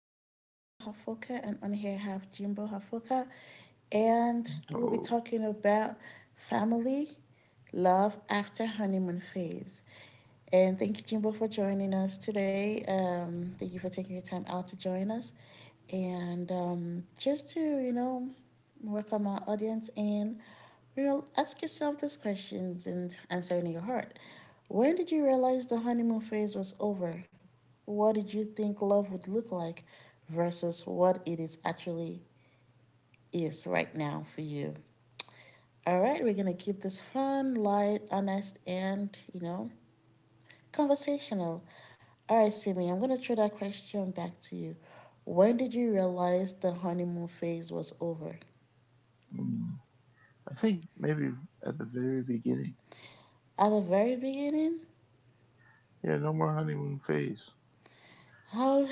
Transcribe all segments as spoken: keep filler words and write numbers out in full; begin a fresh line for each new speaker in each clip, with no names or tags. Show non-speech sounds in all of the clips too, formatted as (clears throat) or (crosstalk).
is Amaka Hafoka, and on here I have Jimbo Hafoka, and we'll be
So
talking about family, love after honeymoon phase. And thank you, Jimbo, for joining us today. Um, thank you for taking your time out to join us, and um, just to, you know, welcome our audience and, you know, ask yourself these questions and answer in your heart. When did you realize the honeymoon phase was over? What did you think love would look like versus what it is actually is right now for you? All right, we're going to keep this fun, light, honest, and, you know, conversational. All right, Simi, I'm going to throw that question back to you. When did you realize the honeymoon phase was over?
mm, I think maybe at the very beginning.
At the very beginning?
Yeah, no more honeymoon phase.
How,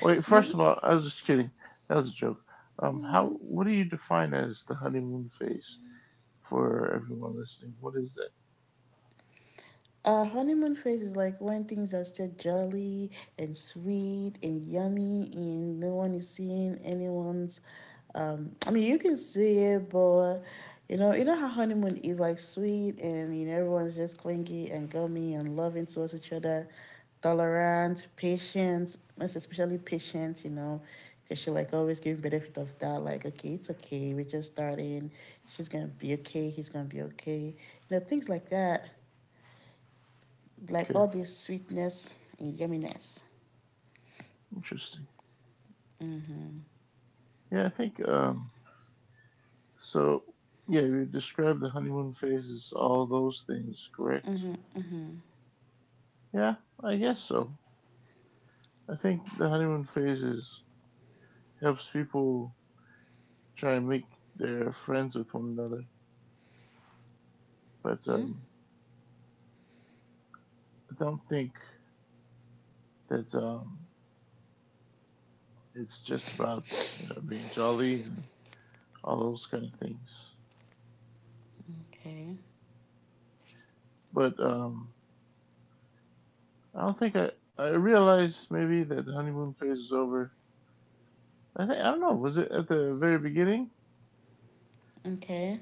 Wait,
you, know,
first of all, I was just kidding. That was a joke. Um, how? What do you define as the honeymoon phase for everyone listening? What is that?
a honeymoon phase is like when things are still jolly and sweet and yummy, and no one is seeing anyone's. Um, I mean, you can see it, but, you know, you know how honeymoon is like sweet, and you know everyone's just clingy and gummy and loving towards each other, tolerant, patient, most especially patient. You know, because she like always giving benefit of doubt, like, okay, it's okay, we're just starting, she's gonna be okay, he's gonna be okay, you know, things like that, like
Okay,
all this sweetness and yumminess.
interesting. Yeah, I think um, so. Yeah, you describe the honeymoon phase as all those things, correct? Yeah, I guess so. I think the honeymoon phase is helps people try and make their friends with one another, but
Mm?
um, I don't think that um, it's just about you know being jolly and all those kind of things.
Okay.
But um, I don't think I I realized maybe that the honeymoon phase is over. I think I don't know. Was it at the very beginning
Okay.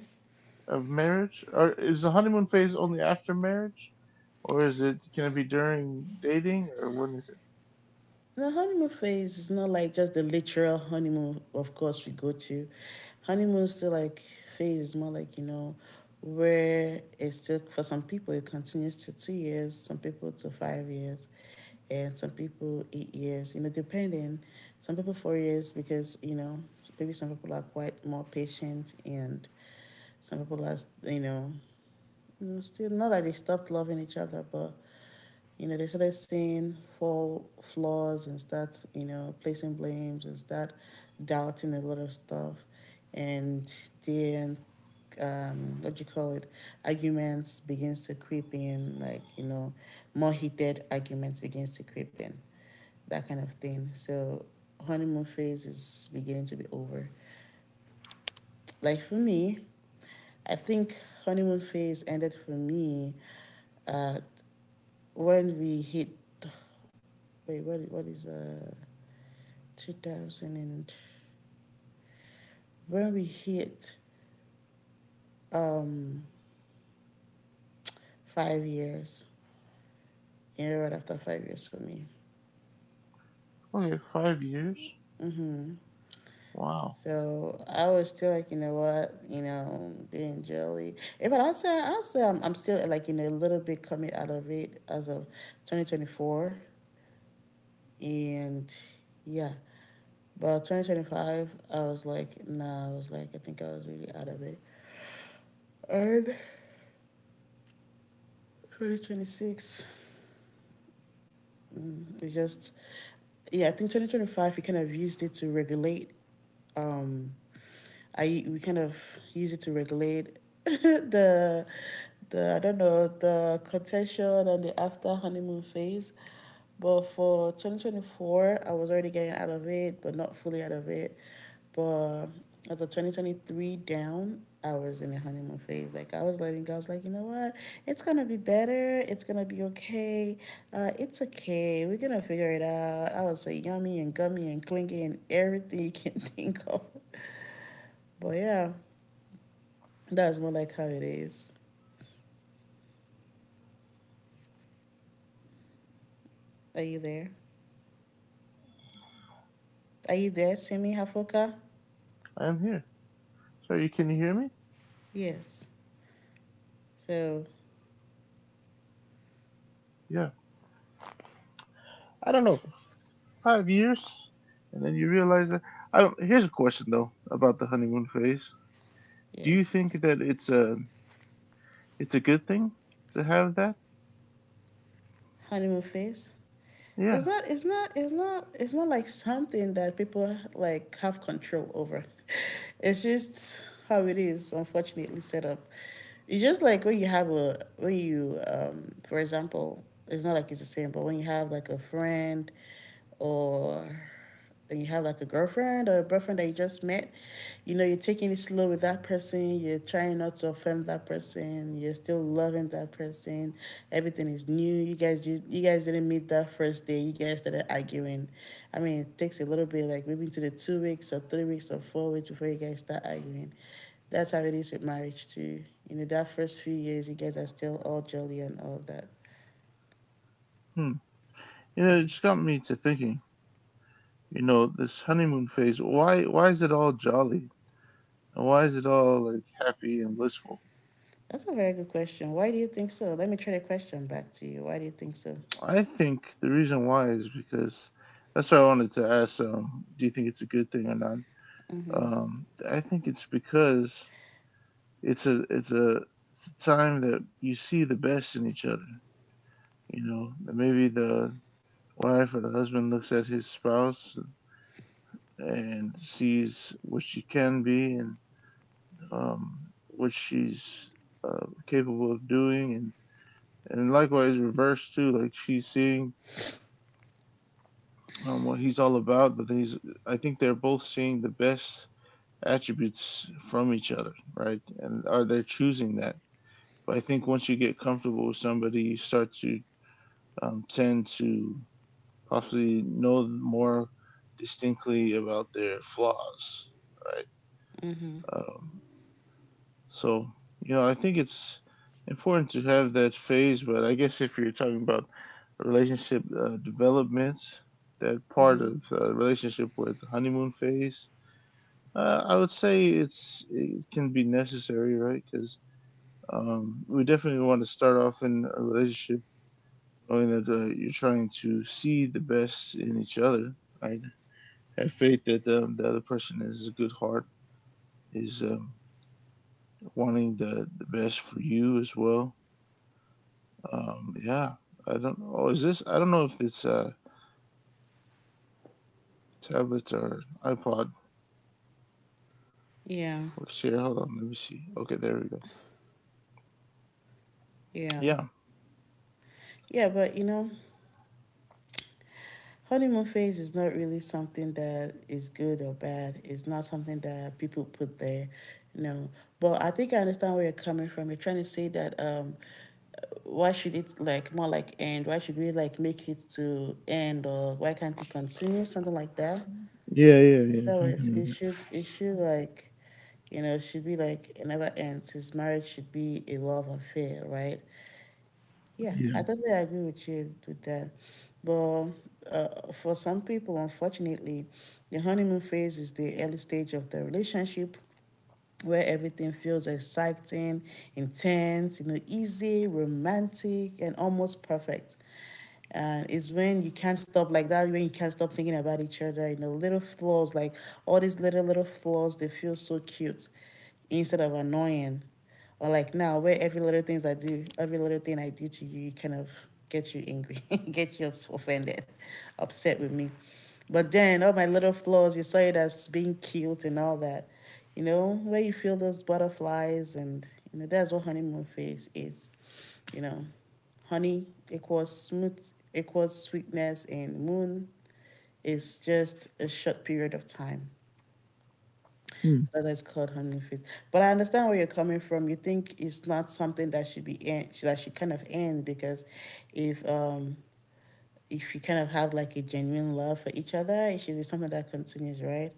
of marriage, or is the honeymoon phase only after marriage, or is it can it be during dating, or when is it?
The honeymoon phase is not like just the literal honeymoon, of course, we go to. Honeymoon still like phase is more like, you know, where it's still, for some people, it continues to two years, some people to five years, and some people eight years, you know, depending. Some people four years because, you know, maybe some people are quite more patient, and some people are, you know, you know, still not that they stopped loving each other, but, you know, they started seeing fall flaws and start, you know, placing blames and start doubting a lot of stuff, and then, um, what do you call it, arguments begins to creep in, like, you know, more heated arguments begins to creep in, that kind of thing. So honeymoon phase is beginning to be over. Like for me, I think honeymoon phase ended for me, uh, when we hit, wait, what what is, uh two thousand and, when we hit, um five years. You know, right after five years for me.
Okay, five years.
Mm-hmm.
Wow,
So I was still like, you know what, you know being jelly. Eh, but i'll say i'll say I'm, I'm still like, you know a little bit coming out of it as of twenty twenty-four, and yeah, but twenty twenty-five I was like, nah, i was like I think I was really out of it. And twenty twenty-six. Mm, It's just, yeah, I think twenty twenty-five, we kind of used it to regulate. Um, I We kind of use it to regulate (laughs) the the I don't know, the contention and the after honeymoon phase. But for twenty twenty-four, I was already getting out of it, but not fully out of it. But as of twenty twenty-three down, I was in a honeymoon phase. Like I was letting go. I was like, you know what? It's gonna be better. It's gonna be okay. Uh, it's okay. We're gonna figure it out. I would say yummy and gummy and clingy and everything you can (laughs) think of. But yeah, that's more like how it is. Are you there? Are you there, Simi Hafoka?
I am here. Sorry, can you hear me?
Yes. So
Yeah. I don't know. Five years, and then you realize that. I don't. Here's a question though about the honeymoon phase. Do you
yes.
think that it's a it's a good thing to have that?
Honeymoon phase, it's
Yeah.
not it's not it's not it's not like something that people like have control over. (laughs) It's just how it is, unfortunately, set up. It's just like when you have a, when you, um for example, it's not like it's the same, but when you have like a friend, or and you have like a girlfriend or a boyfriend that you just met, you know, you're taking it slow with that person, you're trying not to offend that person, you're still loving that person, everything is new. You guys just you guys didn't meet that first day, you guys started arguing. I mean, it takes a little bit, like maybe into the two weeks or three weeks or four weeks before you guys start arguing. That's how it is with marriage too. You know, that first few years you guys are still all jolly and all that.
Hmm. You know, it just got me to thinking. You know, this honeymoon phase. Why why is it all jolly? And why is it all like happy and blissful?
That's a very good question. Why do you think so? Let me try the question back to you. Why do you think so?
I think the reason why is because that's why I wanted to ask. Um, do you think it's a good thing or not? Um, I think it's because it's a it's a it's a time that you see the best in each other. You know, that maybe the wife or the husband looks at his spouse and sees what she can be and um, what she's uh, capable of doing, and and likewise reverse too. Like she's seeing um, what he's all about, but he's I think they're both seeing the best attributes from each other, right? And are they choosing that? But I think once you get comfortable with somebody, you start to um, tend to possibly know more distinctly about their flaws, right?
Mm-hmm.
Um, so, you know, I think it's important to have that phase, but I guess if you're talking about relationship uh, development, that part
Mm-hmm.
of uh, relationship where the honeymoon phase, uh, I would say it's it can be necessary, right? Because um, we definitely want to start off in a relationship knowing that uh, you're trying to see the best in each other. Right? Have faith that um, the other person has a good heart, is um, wanting the, the best for you as well. Um, yeah, I don't know. Oh, is this? I don't know if it's a tablet or iPod.
Yeah,
Works here. Hold on, let me see. Okay, there we go.
yeah,
Yeah.
yeah. But, you know, honeymoon phase is not really something that is good or bad. It's not something that people put there, you know. But I think I understand where you're coming from. You're trying to say that, um, why should it like more like end? Why should we like make it to end, or why can't it continue? Something like that.
Yeah, yeah,
If
yeah.
that was,
Something like
it
that.
should, it should like, you know, it should be like it never ends. His marriage should be a love affair, right? Yeah,
Yeah.
I totally agree with you with that. But, uh, for some people, unfortunately, the honeymoon phase is the early stage of the relationship where everything feels exciting, intense, you know, easy, romantic, and almost perfect. And it's when you can't stop like that, when you can't stop thinking about each other. You know, little flaws, like all these little, little flaws, they feel so cute instead of annoying. Or like now, where every little things I do, every little thing I do to you, kind of get you angry, (laughs) get you offended, upset with me. But then all my little flaws, you saw it as being cute and all that. You know, where you feel those butterflies, and, you know, that's what honeymoon phase is, you know. Honey equals smooth equals sweetness, and moon is just a short period of time
Hmm.
that is called honey feet. But I understand where you're coming from. You think it's not something that should be end, that should kind of end, because if, um if you kind of have like a genuine love for each other, it should be something that continues, right?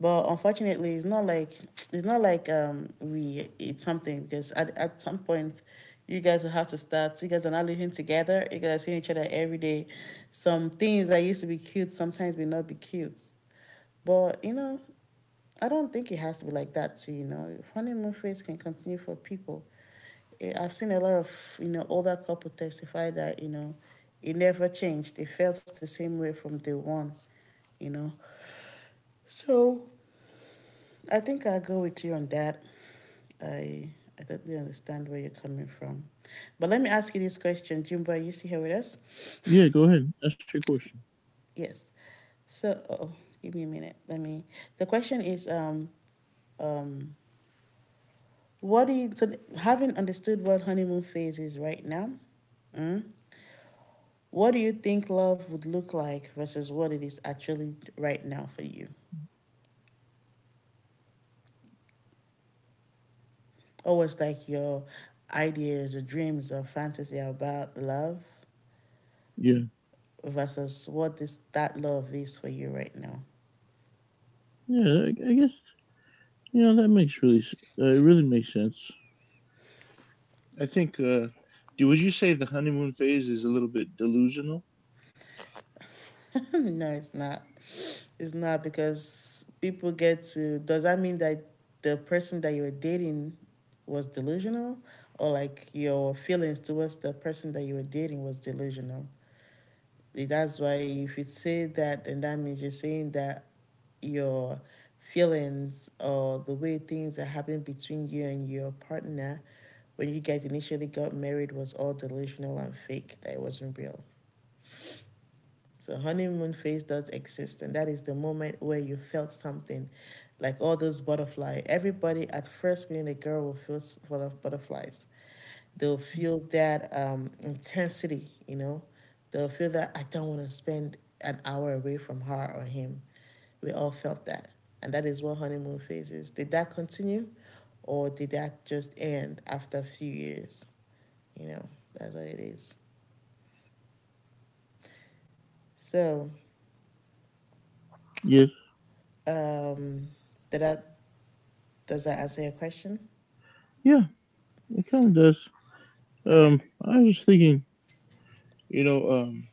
But unfortunately, it's not like it's not like um we it's something, because at at some point, you guys will have to start. You guys are not living together, you guys are seeing each other every day. Some things that used to be cute sometimes may not be cute. But, you know, I don't think it has to be like that too, you know. Honeymoon phase can continue for people. Eh, I've seen a lot of, you know, older couples testify that, you know, it never changed. They felt the same way from day one, you know. So I think I'll go with you on that. I I totally understand where you're coming from. But let me ask you this question, Jimbo, are you still here with us?
Yeah. Go ahead. Ask your question.
Yes. So, oh, give me a minute. Let me The question is, um um What do you so, having understood what honeymoon phase is right now, Mm, what do you think love would look like versus what it is actually right now for you? Or what's like your ideas or dreams or fantasy about love
Yeah.
versus what is that love is for you right now?
Yeah. I, I guess you know that makes really uh, it really makes sense. I think. Uh, do would you say the honeymoon phase is a little bit delusional?
(laughs) No, it's not. It's not because people get to. Does that mean that the person that you were dating was delusional, or like your feelings towards the person that you were dating was delusional? That's why if you say that, then that means you're saying that your feelings or the way things are happening between you and your partner when you guys initially got married was all delusional and fake. That it wasn't real. So, honeymoon phase does exist, and that is the moment where you felt something, like all those butterfly. Everybody at first being a girl will feel full of butterflies. They'll feel that, um, intensity, you know. They'll feel that I don't want to spend an hour away from her or him. We all felt that, and that is what honeymoon phase is. Did that continue, or did that just end after a few years? You know, that's what it is. So,
Yes.
um, did that does that answer your question?
Yeah, it kind of does.
Okay.
Um, I was thinking, you know, um,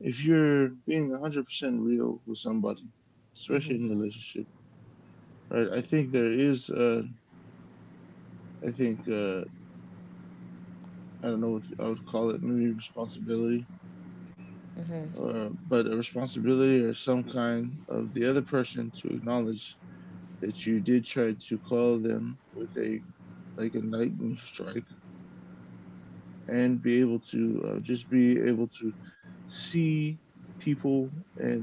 if you're being one hundred percent real with somebody, especially in a relationship, right? I think there is. Uh, I think. Uh, I don't know what I would call it. Maybe responsibility, uh, but a responsibility or some kind of the other person to acknowledge that you did try to call them with a like a lightning strike and be able to uh, just be able to see people and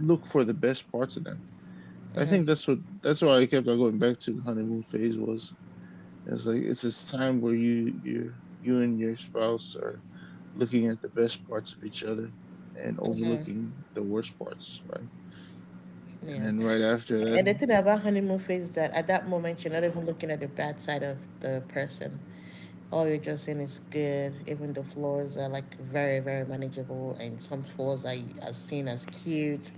look for the best parts of them. I think
Hmm.
that's what that's why I kept on going back to the honeymoon phase was. It's like it's this time where you you you and your spouse are looking at the best parts of each other and overlooking the worst parts, right? And
Yeah.
then right after that,
And the thing about honeymoon phase is that at that moment you're not even looking at the bad side of the person. All you're just saying is good. Even the flaws are like very, very manageable, and some flaws are, are seen as cute.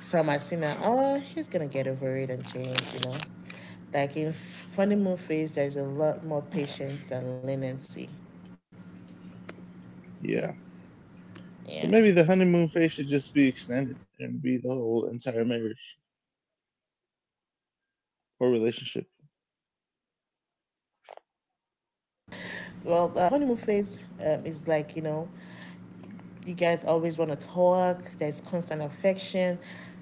Some are seen as, oh, he's gonna get over it and change. You know, like in honeymoon phase, there's a lot more patience and leniency.
yeah.
Yeah.
So maybe the honeymoon phase should just be extended and be the whole entire
(laughs)
marriage
That's what I said.
or
Well,
relationship.
um, yeah, yeah. Well, uh, the honeymoon phase, um, is like, you know, you guys always want to talk. There's constant affection.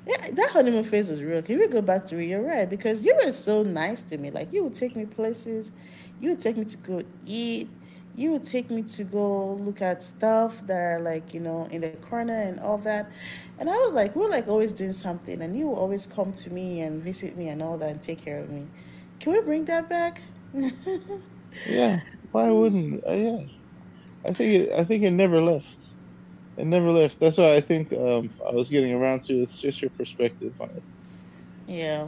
Yeah, that honeymoon phase was real. Can we go back to it? You're right because you were so nice to me. Like you would take me places, you would take me to go eat, you would take me to go look at stuff that are like you know in the corner and all that. And I was like, we we're like always doing something, and you would always come to me and visit me and all that and take care of me. Can we bring that back?
Yeah, why wouldn't? Uh, yeah, I think it, I think it never left. It never left. That's why I think um, I was getting around to. It's just your perspective on it.
Yeah.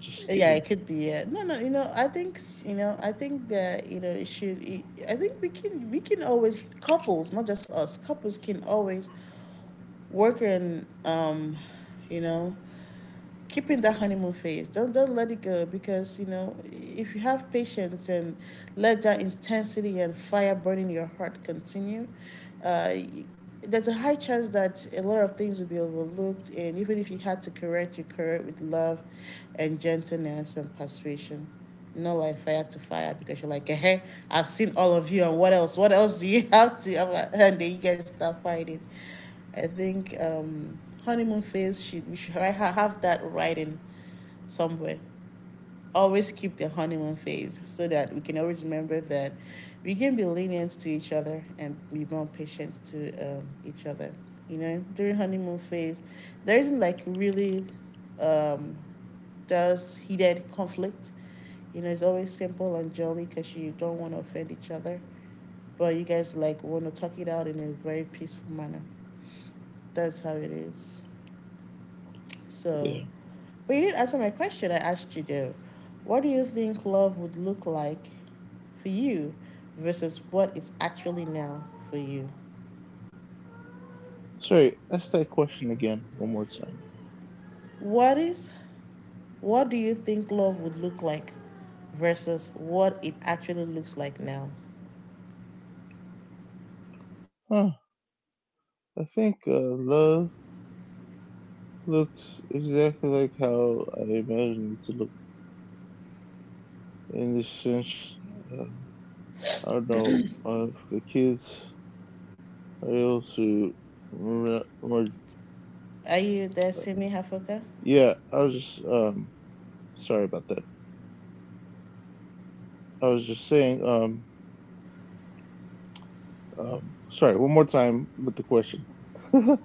Just
Yeah,
kidding.
it could be. Yeah. No, no, you know I think s- you know I think that you know it should it, I think we can we can always couples not just us couples can always work in, um you know keep in that honeymoon phase. Don't don't let it go because you know if you have patience and let that intensity and fire burning your heart continue, uh, there's a high chance that a lot of things will be overlooked. And even if you had to correct, you correct with love, and gentleness and persuasion. Not like fire to fire because you're like, hey, I've seen all of you, and what else? What else do you (laughs) have to? I'm like, and then you guys start fighting. I think um, honeymoon phase should we should have that writing somewhere. Always keep the honeymoon phase so that we can always remember that we can be lenient to each other and be more patient to, um, each other. You know, during honeymoon phase, there isn't like really, um, those heated conflict. You know, it's always simple and jolly because you don't want to offend each other, but you guys like want to talk it out in a very peaceful manner. That's how it is. So,
Yeah.
but you didn't answer my question. I asked you though, what do you think love would look like for you versus what it's actually now for you?
Sorry. Ask that question again one more time.
What is, what do you think love would look like versus what it actually looks like now?
Huh. I think uh, love looks exactly like how I imagined it to look. In this sense, uh, I don't know uh, if the kids are able to. More,
Are you there, Simi Hafoka?
yeah, I was just um sorry about that. I was just saying um Um, sorry, one more time with the question. (laughs) yeah,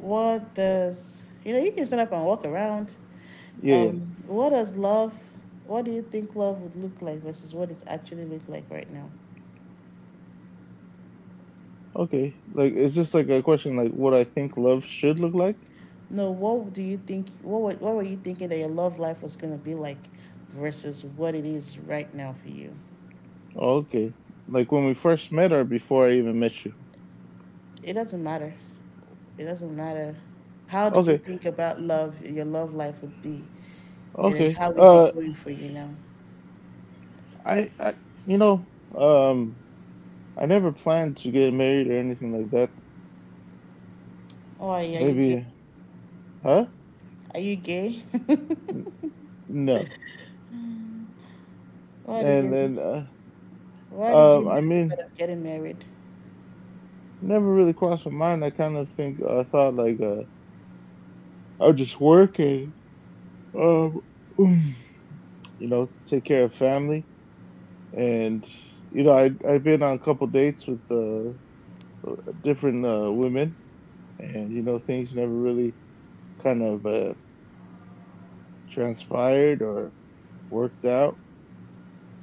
What does, you know, you can stand up and walk around.
yeah.
Um, what does love, what do you think love would look like versus what it's actually look like right now?
Okay. Like, it's just like a question like what I think love should look like?
No, what do you think? What were, what were you thinking that your love life was going to be like versus what it is right now for you?
Oh, okay. Like when we first met or before I even met you.
It doesn't matter. It doesn't matter. How did you
Okay.
think about love, your love life would be? And then
Okay.
how is
Uh,
it going for you now?
I, I, you know, um, I never planned to get married or anything like that.
Oh, are you are you gay?
Maybe, huh?
Are you gay?
No.
(laughs) Why did
And
you,
then, uh,
why did you
um, I
never thought
mean,
of getting married?
never really crossed my mind. I kind of think I thought like, uh, I would just work and, um. (clears throat) (sighs) you know, take care of family. And you know, I I've been on a couple dates with uh, different uh, women, and you know, things never really kind of uh, transpired or worked out.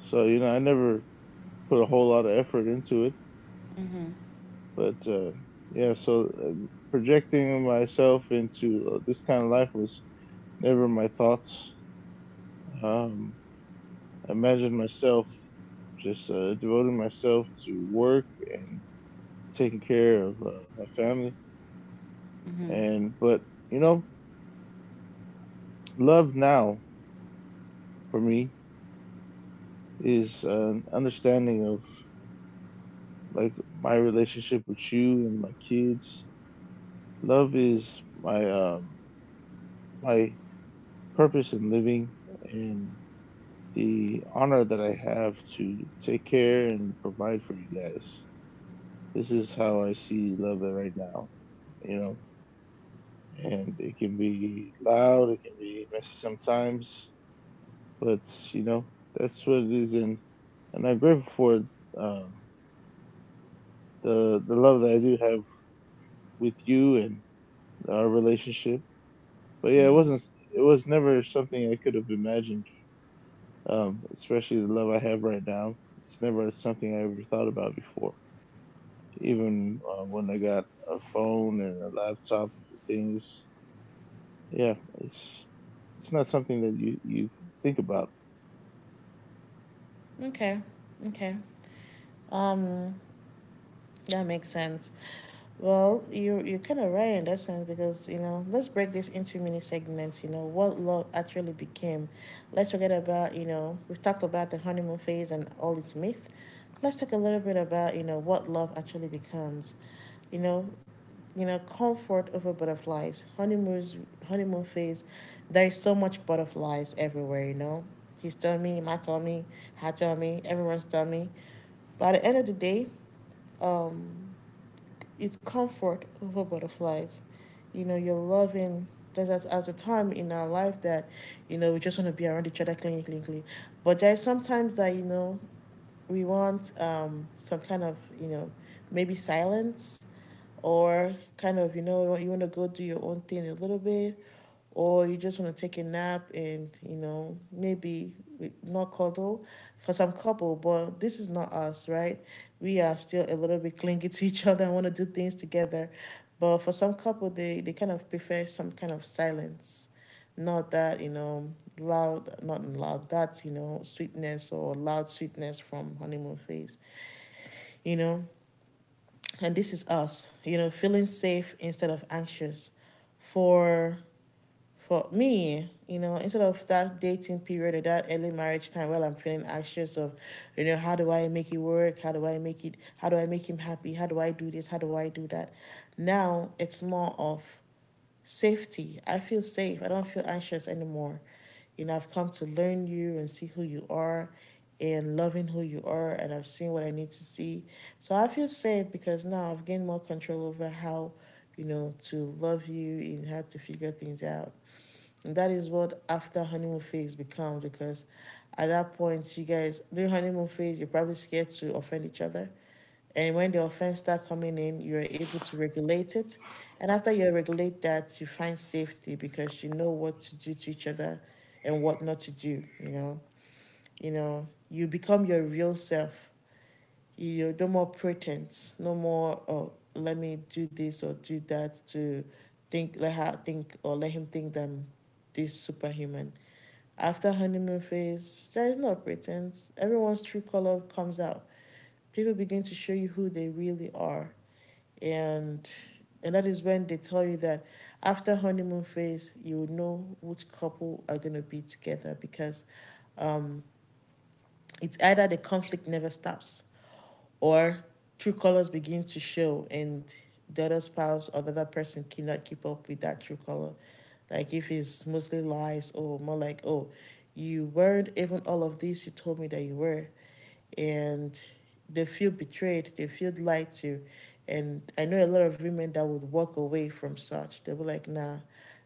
So you know, I never put a whole lot of effort into it.
Mm-hmm.
But uh, yeah, so uh, projecting myself into uh, this kind of life was never my thoughts. Um, I imagined myself just uh, devoting myself to work and taking care of uh, my family.
Mm-hmm.
And but you know, love now for me is an understanding of like my relationship with you and my kids. Love is my um, my purpose in living and the honor that I have to take care and provide for you guys. This is how I see love right now, you know. And it can be loud, it can be messy sometimes, but you know, that's what it is, and and I'm grateful for um, the the love that I do have with you and our relationship. But yeah, it
Mm-hmm.
wasn't it was never something I could have imagined. Um, especially the love I have right now. It's never something I ever thought about before. Even uh, when I got a phone and a laptop, things. Yeah, it's it's not something that you you think about.
Okay. Okay. Um, that makes sense. Well, you you're kind of right in that sense because you know let's break this into mini segments. You know what love actually became. Let's forget about you know we've talked about the honeymoon phase and all its myth. Let's talk a little bit about you know what love actually becomes. You know, you know comfort over butterflies. Honeymoons honeymoon phase. There is so much butterflies everywhere. You know, his tummy, my tummy, her tummy, everyone's tummy. By the end of the day, um, it's comfort over butterflies. You know, you're loving. There's at, at a time in our life that, you know, we just want to be around each other, cling, cling, cling. But there's sometimes that, you know, we want, um, some kind of, you know, maybe silence or kind of, you know, you want to go do your own thing a little bit or you just want to take a nap and you know maybe not cuddle for some couple, but this is not us, right? We are still a little bit clingy (laughs) to each other and want to do things together, but for some couple they, they kind of prefer some kind of silence. Not that you know loud, not loud that you know sweetness or loud sweetness from honeymoon phase, you know. And this is us you know feeling safe instead of anxious for for me, you know, instead of that dating period or that early marriage time while I'm feeling anxious of, you know, how do I make it work? How do I make it how do I make him happy? How do I do this? How do I do that? Now it's more of safety. I feel safe. I don't feel anxious anymore. You know, I've come to learn you and see who you are and loving who you are and I've seen what I need to see. So I feel safe because now I've gained more control over how, you know, to love you and how to figure things out. And that is what after honeymoon phase becomes because at that point you guys during honeymoon phase you're probably scared to offend each other, and when the offense start coming in you're able to regulate it, and after you regulate that you find safety because you know what to do to each other and what not to do, you know. You know you become your real self. You know no more pretense, no more oh let me do this or do that to think let her think or let him think that I'm this superhuman. After honeymoon phase, there is no pretense. Everyone's true color comes out. People begin to show you who they really are. And and that is when they tell you that after honeymoon phase, you know which couple are gonna be together because, um, it's either the conflict never stops or true colors begin to show and the other spouse or the other person cannot keep up with that true color. Like if it's mostly lies or more like, oh, you weren't even all of this you told me that you were, and they feel betrayed, they feel lied to. And I know a lot of women that would walk away from such. They'll be like, nah,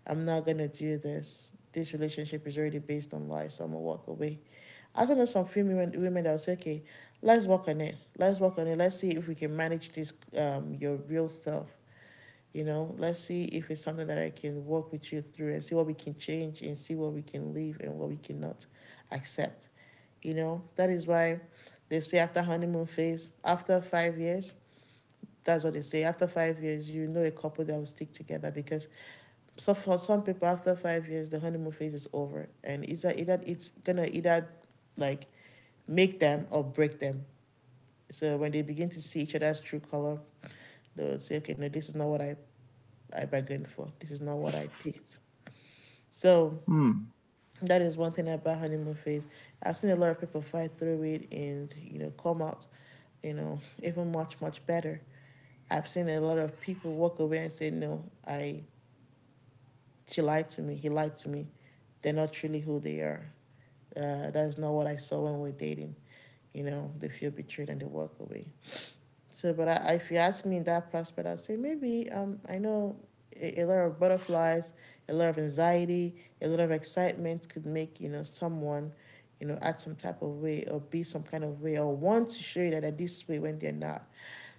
I'm not going to do this. This relationship is already based on lies, so I'm going to walk away. I also know some few women, women that would say, okay, let's work on it. Let's work on it. Let's see if we can manage this, um, your real self. You know, let's see if it's something that I can work with you through and see what we can change and see what we can leave and what we cannot accept. You know, that is why they say after honeymoon phase, after five years, that's what they say. After five years, you know a couple that will stick together because so for some people, after five years, the honeymoon phase is over, and either either it's gonna either like make them or break them. So when they begin to see each other's true color, they'll say, okay, no, this is not what I I bargained for. This is not what I picked. So
Hmm.
that is one thing about honeymoon phase. I've seen a lot of people fight through it and you know come out you know even much much better. I've seen a lot of people walk away and say no, I she lied to me, he lied to me. They're not truly who they are. Uh, that's not what I saw when we we're dating. You know they feel betrayed and they walk away. So, but I, if you ask me in that prospect, I'd say maybe, um, I know a, a lot of butterflies, a lot of anxiety, a lot of excitement could make, you know, someone, you know, act some type of way or be some kind of way or want to show you that they're this way when they're not.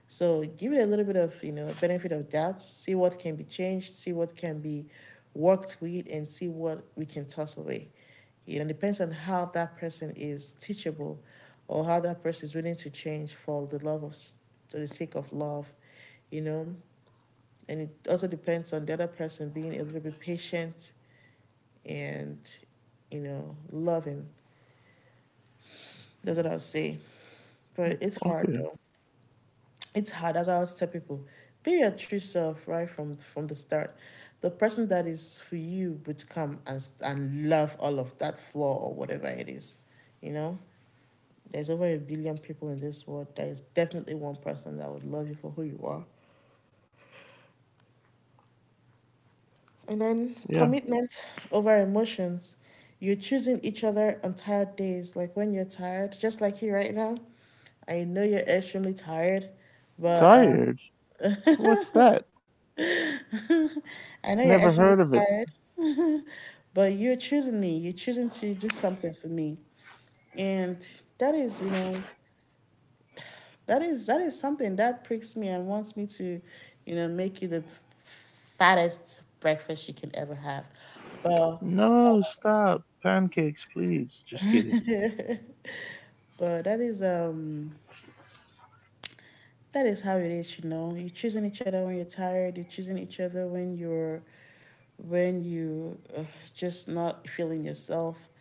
So give it a little bit of, you know, benefit of doubt, see what can be changed, see what can be worked with, and see what we can toss away. You know, it depends on how that person is teachable or how that person is willing to change for the love of, for the sake of love, you know. And it also depends on the other person being a little bit patient and, you know, loving. That's what I would say. But it's hard
Okay.
though. It's hard. As I always tell people. Be your true self right from from the start. The person that is for you would come and and love all of that flaw or whatever it is. You know, there's over a billion people in this world. There is definitely one person that would love you for who you are. And then
Yeah.
commitment over emotions. You're choosing each other on tired days, like when you're tired, just like you right now. I know you're extremely tired, but um
Tired. What's that?
(laughs) I know you're
Never
extremely
heard of it.
tired, (laughs) but you're choosing me. You're choosing to do something for me. And that is, you know, that is that is something that pricks me and wants me to, you know, make you the fattest breakfast you can ever have. But
No, stop. Pancakes, please. Just kidding.
but that is um that is how it is, you know. You're choosing each other when you're tired. You're choosing each other when you're, when you, uh, just not feeling yourself.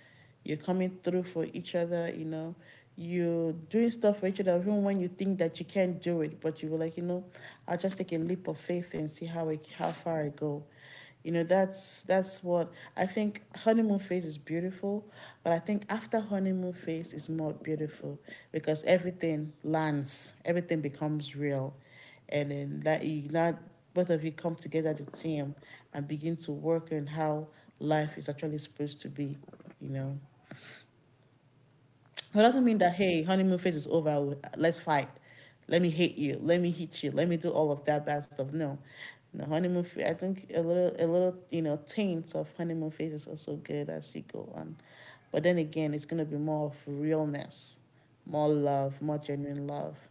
You're coming through for each other, you know. You're doing stuff for each other even when you think that you can't do it, but you were like, you know, I'll just take a leap of faith and see how it, how far I go. You know, that's that's what I think. Honeymoon phase is beautiful, but I think after honeymoon phase is more beautiful, because everything lands, everything becomes real. And then that you that both of you come together as a team and begin to work on how life is actually supposed to be, you know. It doesn't mean that hey, honeymoon phase is over. Let's fight. Let me hate you. Let me hit you. Let me do all of that bad stuff. No, the honeymoon. I think a little, a little, you know, taint of honeymoon phase is also good as you go on. But then again, it's gonna be more of realness, more love, more genuine love.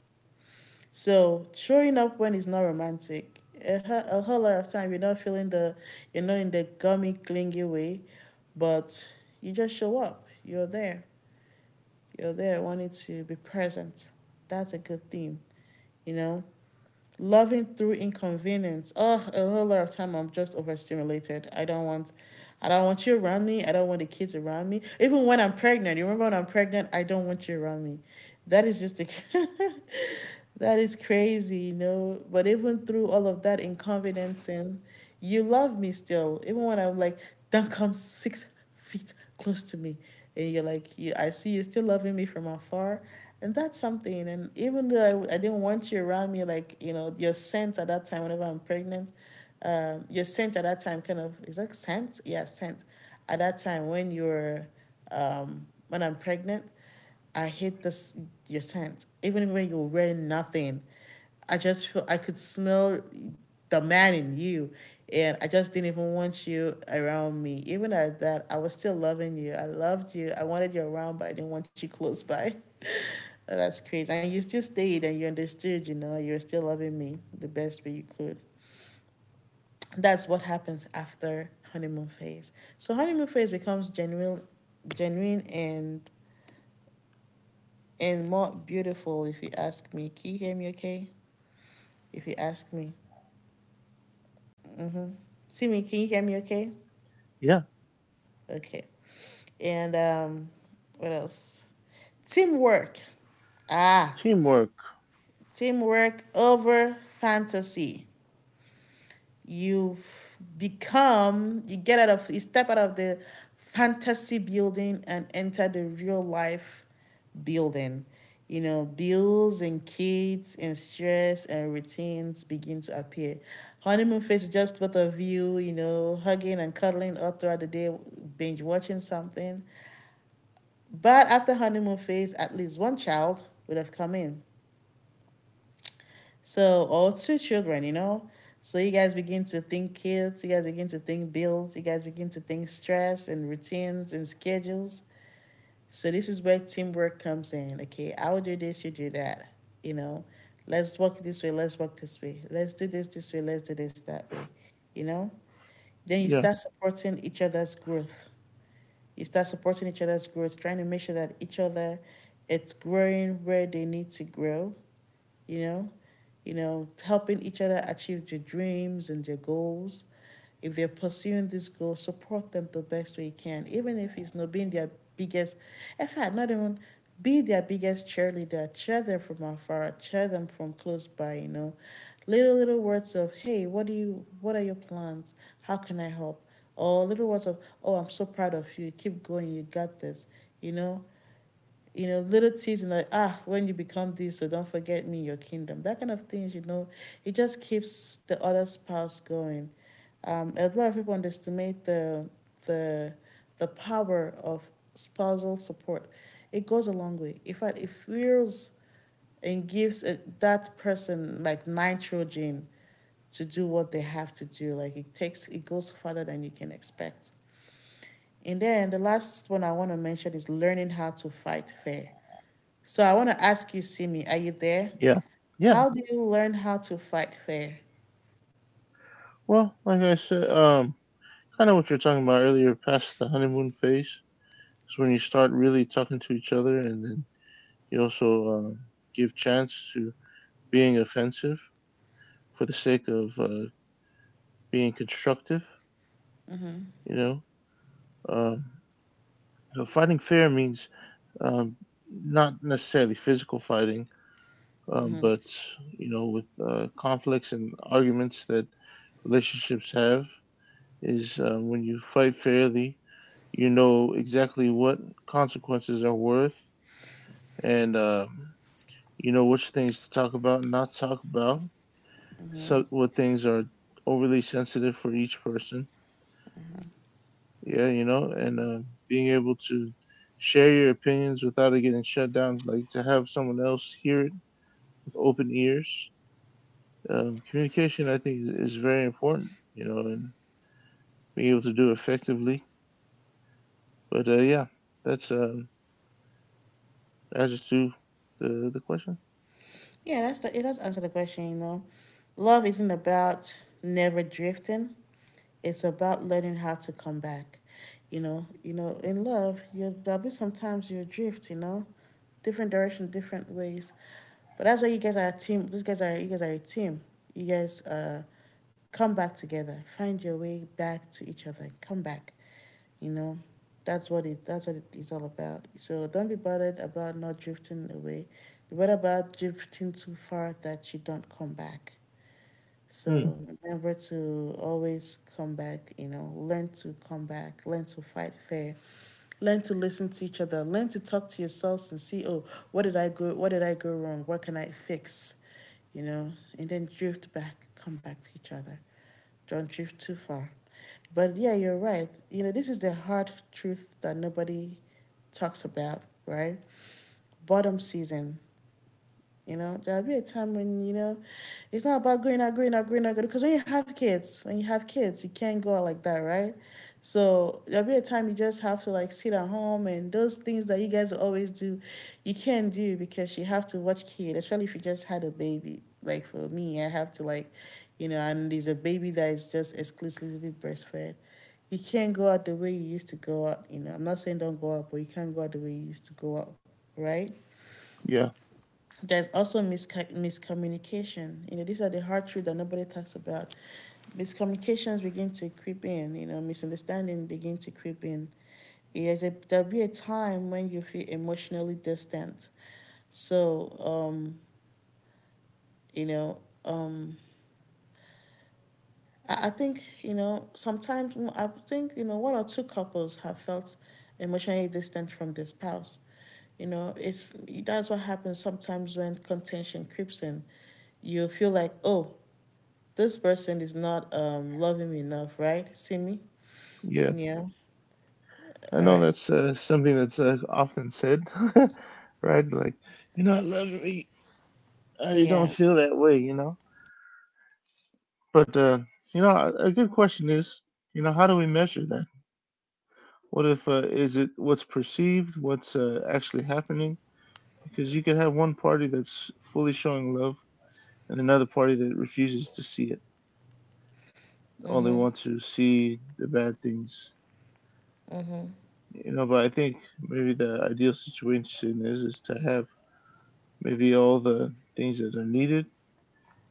So showing up when it's not romantic, a, hu- a whole lot of time you're not feeling the, you're not in the gummy clingy way, but you just show up. You're there, you're there wanting to be present. That's a good thing, you know? Loving through inconvenience. Oh, a whole lot of time I'm just overstimulated. I don't want I don't want you around me. I don't want the kids around me. Even when I'm pregnant, you remember when I'm pregnant, I don't want you around me. That is just the (laughs) that is crazy, you know. But even through all of that inconfidence, and you love me still, even when I'm like, don't come six feet close to me, and you're like, you, I see you still loving me from afar, and that's something. And even though I, I didn't want you around me, like you know, your scent at that time, whenever I'm pregnant, um, your scent at that time kind of is like scent, yeah, scent. At that time when you're, um, when I'm pregnant, I hate this, your scent. Even when you're wearing nothing, I just feel I could smell the man in you, and I just didn't even want you around me. Even at that, I was still loving you. I loved you. I wanted you around, but I didn't want you close by. (laughs) That's crazy. And you still stayed, and you understood. You know, you were still loving me the best way you could. That's what happens after honeymoon phase. So honeymoon phase becomes genuine, genuine and and more beautiful if you ask me. Can you hear me okay? If you ask me. Timmy, can you hear me okay?
Yeah.
Okay. And um, what else? Teamwork. Ah,
Teamwork.
teamwork over fantasy. you become you get out of you step out of the fantasy building and enter the real life building. You know, bills and kids and stress and routines begin to appear. Honeymoon phase is just both of you, you know, hugging and cuddling all throughout the day, binge watching something. But after honeymoon phase at least one child would have come in, so, or two children, you know. So you guys begin to think kids, you guys begin to think bills, you guys begin to think stress and routines and schedules. So this is where teamwork comes in. Okay, I will do this, you do that. You know, let's walk this way, let's walk this way, let's do this this way, let's do this that way. You know, then you
Yeah.
start supporting each other's growth. You start supporting each other's growth, trying to make sure that each other it's growing where they need to grow, you know, you know, helping each other achieve their dreams and their goals. If they're pursuing this goal, support them the best way you can, even if it's not being their biggest, in fact, not even be their biggest cheerleader. Cheer them from afar, cheer them from close by, you know. Little little words of, hey, what do you what are your plans? How can I help? Or little words of, oh, I'm so proud of you, keep going, you got this, you know. You know, little teasing like, ah, when you become this, so don't forget me, your kingdom. That kind of things, you know, it just keeps the other spouse going. Um, a lot of people underestimate the the the power of spousal support. It goes a long way. In fact, it fuels and gives a that person like nitrogen to do what they have to do. Like it takes, it goes further than you can expect. And then the last one I want to mention is learning how to fight fair. So I want to ask you, Simi, are you there?
Yeah. Yeah.
How do you learn how to fight fair?
Well, like I said, um, kind of what you're talking about earlier, past the honeymoon phase is when you start really talking to each other, and then you also um, give chance to being offensive for the sake of uh, being constructive. You know, um, so fighting fair means um, not necessarily physical fighting, um, but you know with uh, conflicts and arguments that relationships have is uh, when you fight fairly you know exactly what consequences are worth and uh, you know which things to talk about and not talk about, so what things are overly sensitive for each person, yeah you know, and uh, being able to share your opinions without it getting shut down, like to have someone else hear it with open ears. um, communication I think is, is very important, you know, and being able to do it effectively. But uh, yeah, that's um, answers to the the question.
Yeah, that's the it does answer the question, you know. Love isn't about never drifting. It's about learning how to come back. You know, you know, in love, you there'll be sometimes you drift, you know, different direction, different ways. But that's why you guys are a team. These guys are you guys are a team. You guys uh come back together. Find your way back to each other. Come back. You know, that's what it that's what it's all about. So don't be bothered about not drifting away. Be bothered about drifting too far that you don't come back.
Hmm.
So remember to always come back, you know, learn to come back, learn to fight fair, learn to listen to each other, learn to talk to yourselves and see, oh, what did I go what did I go wrong? What can I fix? You know, and then drift back, come back to each other, don't drift too far. But yeah, you're right. You know, this is the hard truth that nobody talks about, right? Bottom season. You know, there'll be a time when, you know, it's not about going out, going out, going out, because when you have kids, when you have kids, you can't go out like that, right? So there'll be a time you just have to like sit at home and those things that you guys always do, you can't do because you have to watch kids. Especially if you just had a baby. Like for me, I have to like, you know, and there's a baby that is just exclusively breastfed. You can't go out the way you used to go out, you know. I'm not saying don't go out, but you can't go out the way you used to go out, right?
Yeah,
There's also misca- miscommunication. You know, these are the hard truths that nobody talks about. Miscommunications begin to creep in. You know, misunderstanding begin to creep in. Yes, it- there'll be a time when you feel emotionally distant. So, um, you know, um, I, I think, you know, sometimes mm, I think, you know, one or two couples have felt emotionally distant from their spouse. You know, it's that's what happens sometimes when contention creeps in. You feel like, oh, this person is not um loving me enough, right? See me?
yeah,
Yeah.
I
All
know
right.
that's uh, something that's uh, often said, (laughs) right? Like you're not loving me, uh, you don't
Yeah.
feel that way, you know. But uh, you know, a, a good question is, you know, how do we measure that? What if uh, is it what's perceived, what's uh, actually happening? Because you could have one party that's fully showing love and another party that refuses to see it, only wants to see the bad things. You know, but I think maybe the ideal situation is is to have maybe all the things that are needed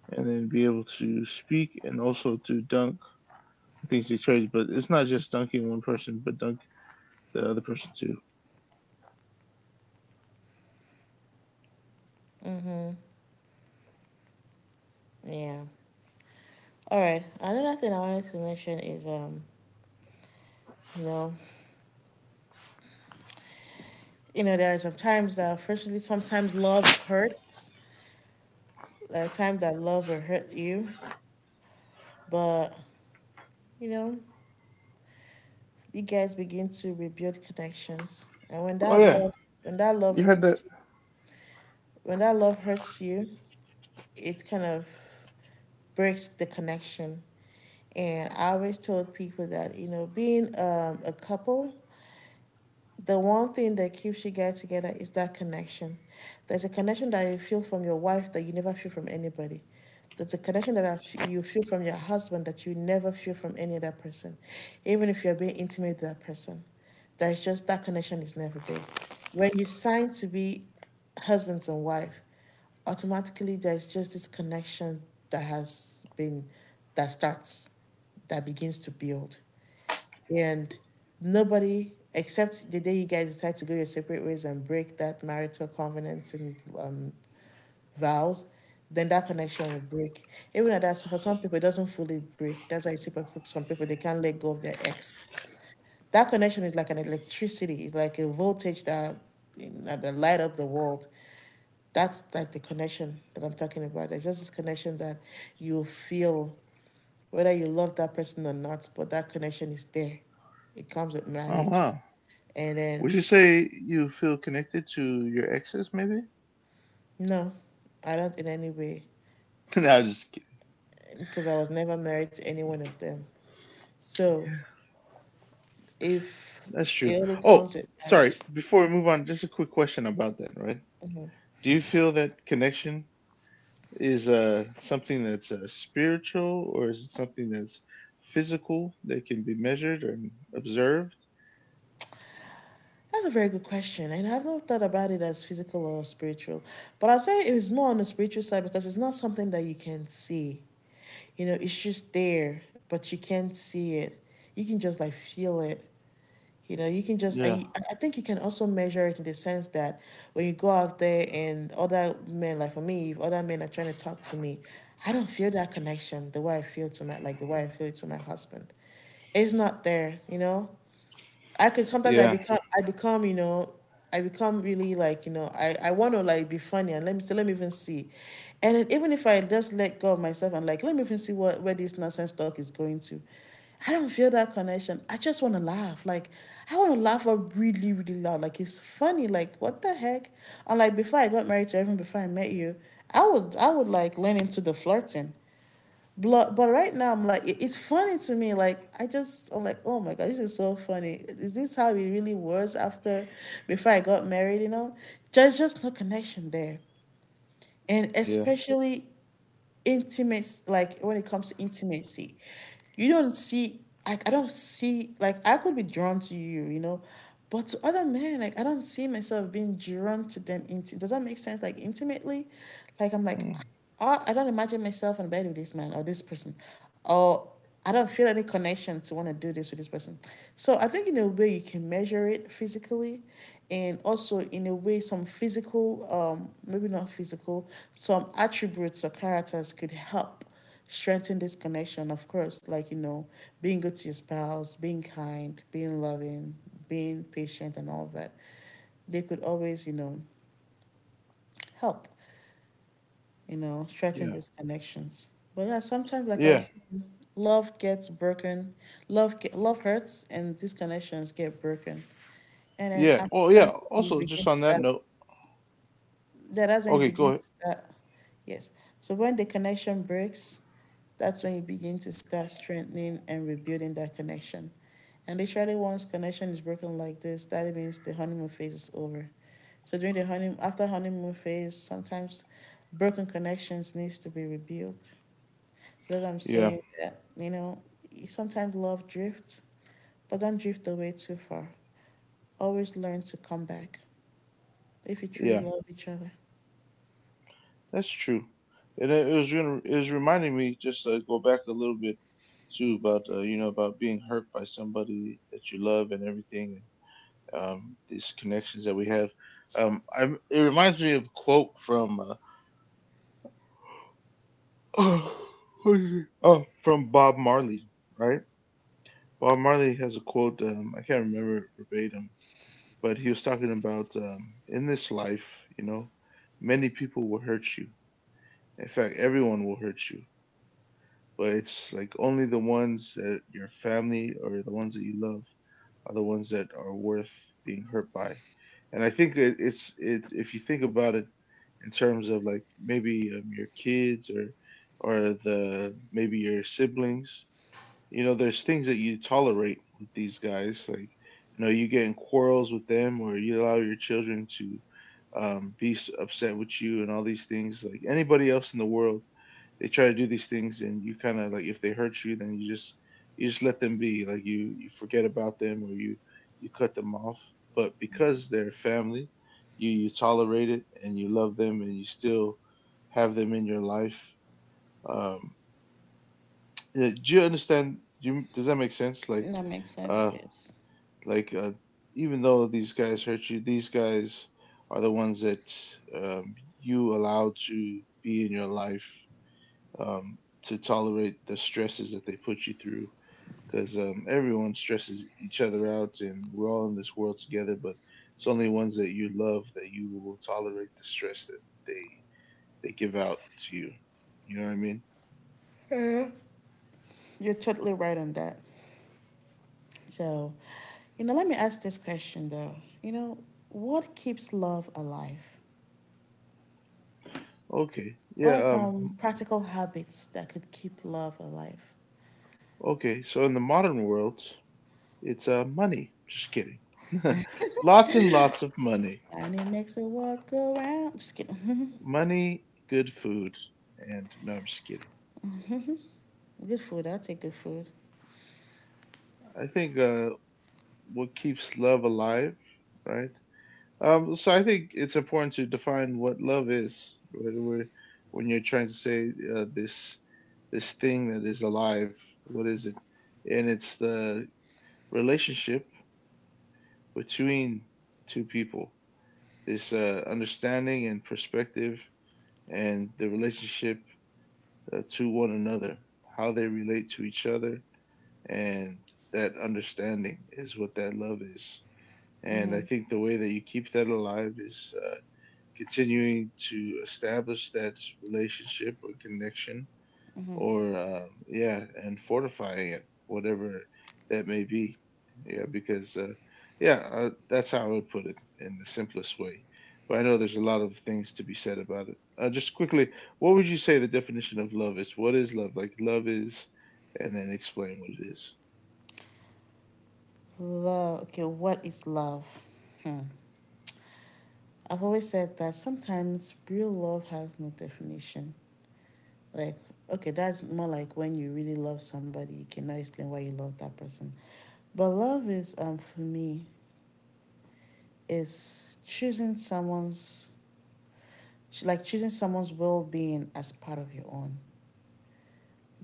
and then be able to speak and also to dunk things they trade. But it's not just dunking one person, but dunk the other person too.
Mm-hmm. Yeah. All right. Another thing I wanted to mention is um, you know, you know, there are some times that unfortunately sometimes love hurts. There are times that love will hurt you. But you know, you guys begin to rebuild connections, and when
Oh
that
yeah.
love, when that love
You heard that
hurts, you- when that love hurts you, it kind of breaks the connection. And I always told people that you know, being um, a couple, the one thing that keeps you guys together is that connection. There's a connection that you feel from your wife that you never feel from anybody. There's a connection that you feel from your husband that you never feel from any other person, even if you're being intimate with that person. There's just that connection is never there. When you sign to be husbands and wife, automatically there's just this connection that has been, that starts, that begins to build, and nobody, except the day you guys decide to go your separate ways and break that marital covenants and um, vows, then that connection will break. Even at that, so for some people it doesn't fully break. That's why you see, for some people they can't let go of their ex. That connection is like an electricity, it's like a voltage that in- that that light up the world. That's like the connection that I'm talking about. There's just this connection that you feel whether you love that person or not, but that connection is there. It comes with
oh
marriage.
wow.
And
Would
then,
you say you feel connected to your exes maybe?
no, I don't in any way,
(laughs) no, just kidding.
because I was never married to any one of them. So if
That's true.
it only
Oh,
comes with
sorry,
marriage,
before we move on, just a quick question about that, right? Do you feel that connection is uh, something that's uh, spiritual, or is it something that's physical that can be measured and observed?
that's a very good question. And I've not thought about it as physical or spiritual. But I'll say it was more on the spiritual side because it's not something that you can see. You know, it's just there, but you can't see it. You can just like feel it. You know, you can just,
Yeah,
and I I think you can also measure it in the sense that when you go out there and other men, like for me, if other men are trying to talk to me, I don't feel that connection the way I feel to my, like the way I feel it to my husband. It's not there, you know? I could sometimes I
yeah,
become I become you know, I become really, like, you know, I I want to like be funny, and let me see, let me even see, and then even if I just let go of myself and like let me even see what, where this nonsense talk is going to, I don't feel that connection. I just want to laugh, like I want to laugh out really really loud, like it's funny, like what the heck. And like before I got married, to even before I met you, I would I would like lean into the flirting. But, but right now, I'm like, it's funny to me. Like, I just, I'm like, oh my God, this is so funny. Is this how it really was after, before I got married, you know? There's just no connection there. And
yeah,
especially intimacy, like when it comes to intimacy, you don't see, like, I don't see, like, I could be drawn to you, you know, but to other men, like, I don't see myself being drawn to them. Inti- Does that make sense? Like, intimately? Like, I'm like,
mm,
oh, I don't imagine myself in bed with this man or this person. Or I don't feel any connection to want to do this with this person. So I think in a way you can measure it physically, and also in a way some physical, um maybe not physical, some attributes or characters could help strengthen this connection, of course, like, you know, being good to your spouse, being kind, being loving, being patient, and all that. They could always, you know, help, you know, strengthen
yeah,
these connections. But yeah, sometimes, like I
yeah,
was saying, love gets broken, love, get, love hurts, and these connections get broken. And then
yeah.
after
Oh, yeah.
that, you
Also,
begin
just
to
on that
start.
note,
Yeah, that's when you
okay, go
begin
ahead.
to start. Yes. So when the connection breaks, that's when you begin to start strengthening and rebuilding that connection. And literally, once connection is broken like this, that means the honeymoon phase is over. So during the honeymoon, after honeymoon phase, sometimes broken connections needs to be rebuilt. So that I'm
Yeah,
saying that, you know, sometimes love drifts, but don't drift away too far. Always learn to come back if you truly
yeah,
love each other.
that's true. And it, it was gonna, it was reminding me just uh, go back a little bit too about uh, you know about being hurt by somebody that you love and everything and um, these connections that we have. Um, I, it reminds me of a quote from uh, (sighs) who is oh, from Bob Marley, right? Bob Marley has a quote. Um, I can't remember it verbatim, but he was talking about um, in this life, you know, many people will hurt you. In fact, everyone will hurt you, but it's like only the ones that your family or the ones that you love are the ones that are worth being hurt by. And I think it, it's it if you think about it in terms of like maybe um, your kids or or the maybe your siblings, you know, there's things that you tolerate with these guys, like you know, you get in quarrels with them or you allow your children to um, be s- upset with you and all these things. Like anybody else in the world they try to do these things and you kind of like if they hurt you then you just you just let them be, like you you forget about them or you you cut them off, but because they're family you you tolerate it and you love them and you still have them in your life. um yeah, do you understand, do you, does that make sense, like
That makes sense.
uh
Yes.
like uh even though these guys hurt you, these guys are the ones that um, you allow to be in your life, um, to tolerate the stresses that they put you through, because um, everyone stresses each other out and we're all in this world together, but it's only ones that you love that you will tolerate the stress that they they give out to you, you know what I mean?
You're totally right on that. So, you know, let me ask this question though. You know, what keeps love alive?
Okay.
What
yeah
are
um
some practical habits that could keep love alive?
Okay, so in the modern world it's uh money, just kidding. (laughs) Lots and lots of money.
And it makes the world go round. Just kidding.
Money, good food. And no, I'm just kidding.
(laughs) Good food. I'll take good food.
I think uh What keeps love alive? Right. Um, so I think it's important to define what love is when we're- when you're trying to say uh, this, this thing that is alive. What is it? And it's the relationship between two people. This uh, understanding and perspective, and the relationship uh, to one another, how they relate to each other, and that understanding is what that love is. And I
Mm-hmm.
think the way that you keep that alive is uh, continuing to establish that relationship or connection,
Mm-hmm.
or um, yeah, and fortifying it, whatever that may be. Yeah, because uh, yeah uh, that's how I would put it in the simplest way, but I know there's a lot of things to be said about it. Uh, just quickly, what would you say the definition of love is? What is love? Like, love is, and then explain what it is.
Love. Okay, what is love? Hmm. I've always said that sometimes real love has no definition. Like, okay, that's more like when you really love somebody, you cannot explain why you love that person. But love is, um for me, is choosing someone's like choosing someone's well-being as part of your own.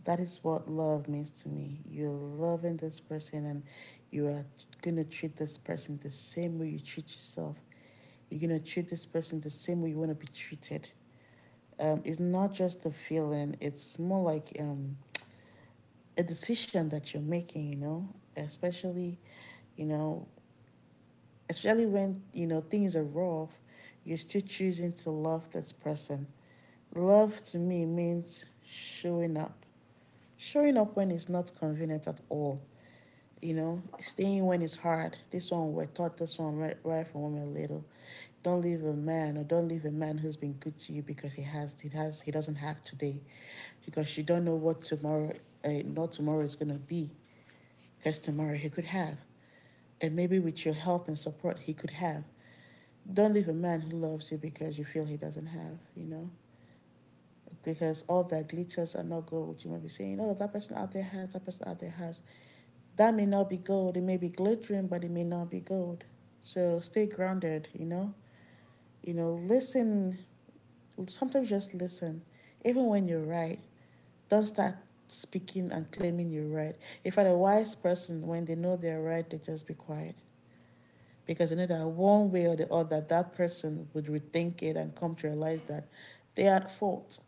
That is what love means to me. You're loving this person, and you are going to treat this person the same way you treat yourself. You're going to treat this person the same way you want to be treated. Um, it's not just a feeling, it's more like, um, a decision that you're making, you know, especially, you know, especially when you know things are rough, you're still choosing to love this person. Love to me means showing up, showing up when it's not convenient at all, you know, staying when it's hard. This one We're taught this one right, right from when we we're little. Don't leave a man, or don't leave a man who's been good to you, because he has he has he doesn't have today, because you don't know what tomorrow, uh, not tomorrow is going to be, because tomorrow he could have, and maybe with your help and support he could have. Don't leave a man who loves you because you feel he doesn't have, you know? Because all that glitters are not gold. You might be saying, oh, that person out there has, that person out there has. That may not be gold. It may be glittering, but it may not be gold. So stay grounded, you know? You know, listen. Sometimes just listen. Even when you're right, don't start speaking and claiming you're right. If In are a wise person, when they know they're right, they just be quiet, because you know that one way or the other that person would rethink it and come to realize that they are at fault.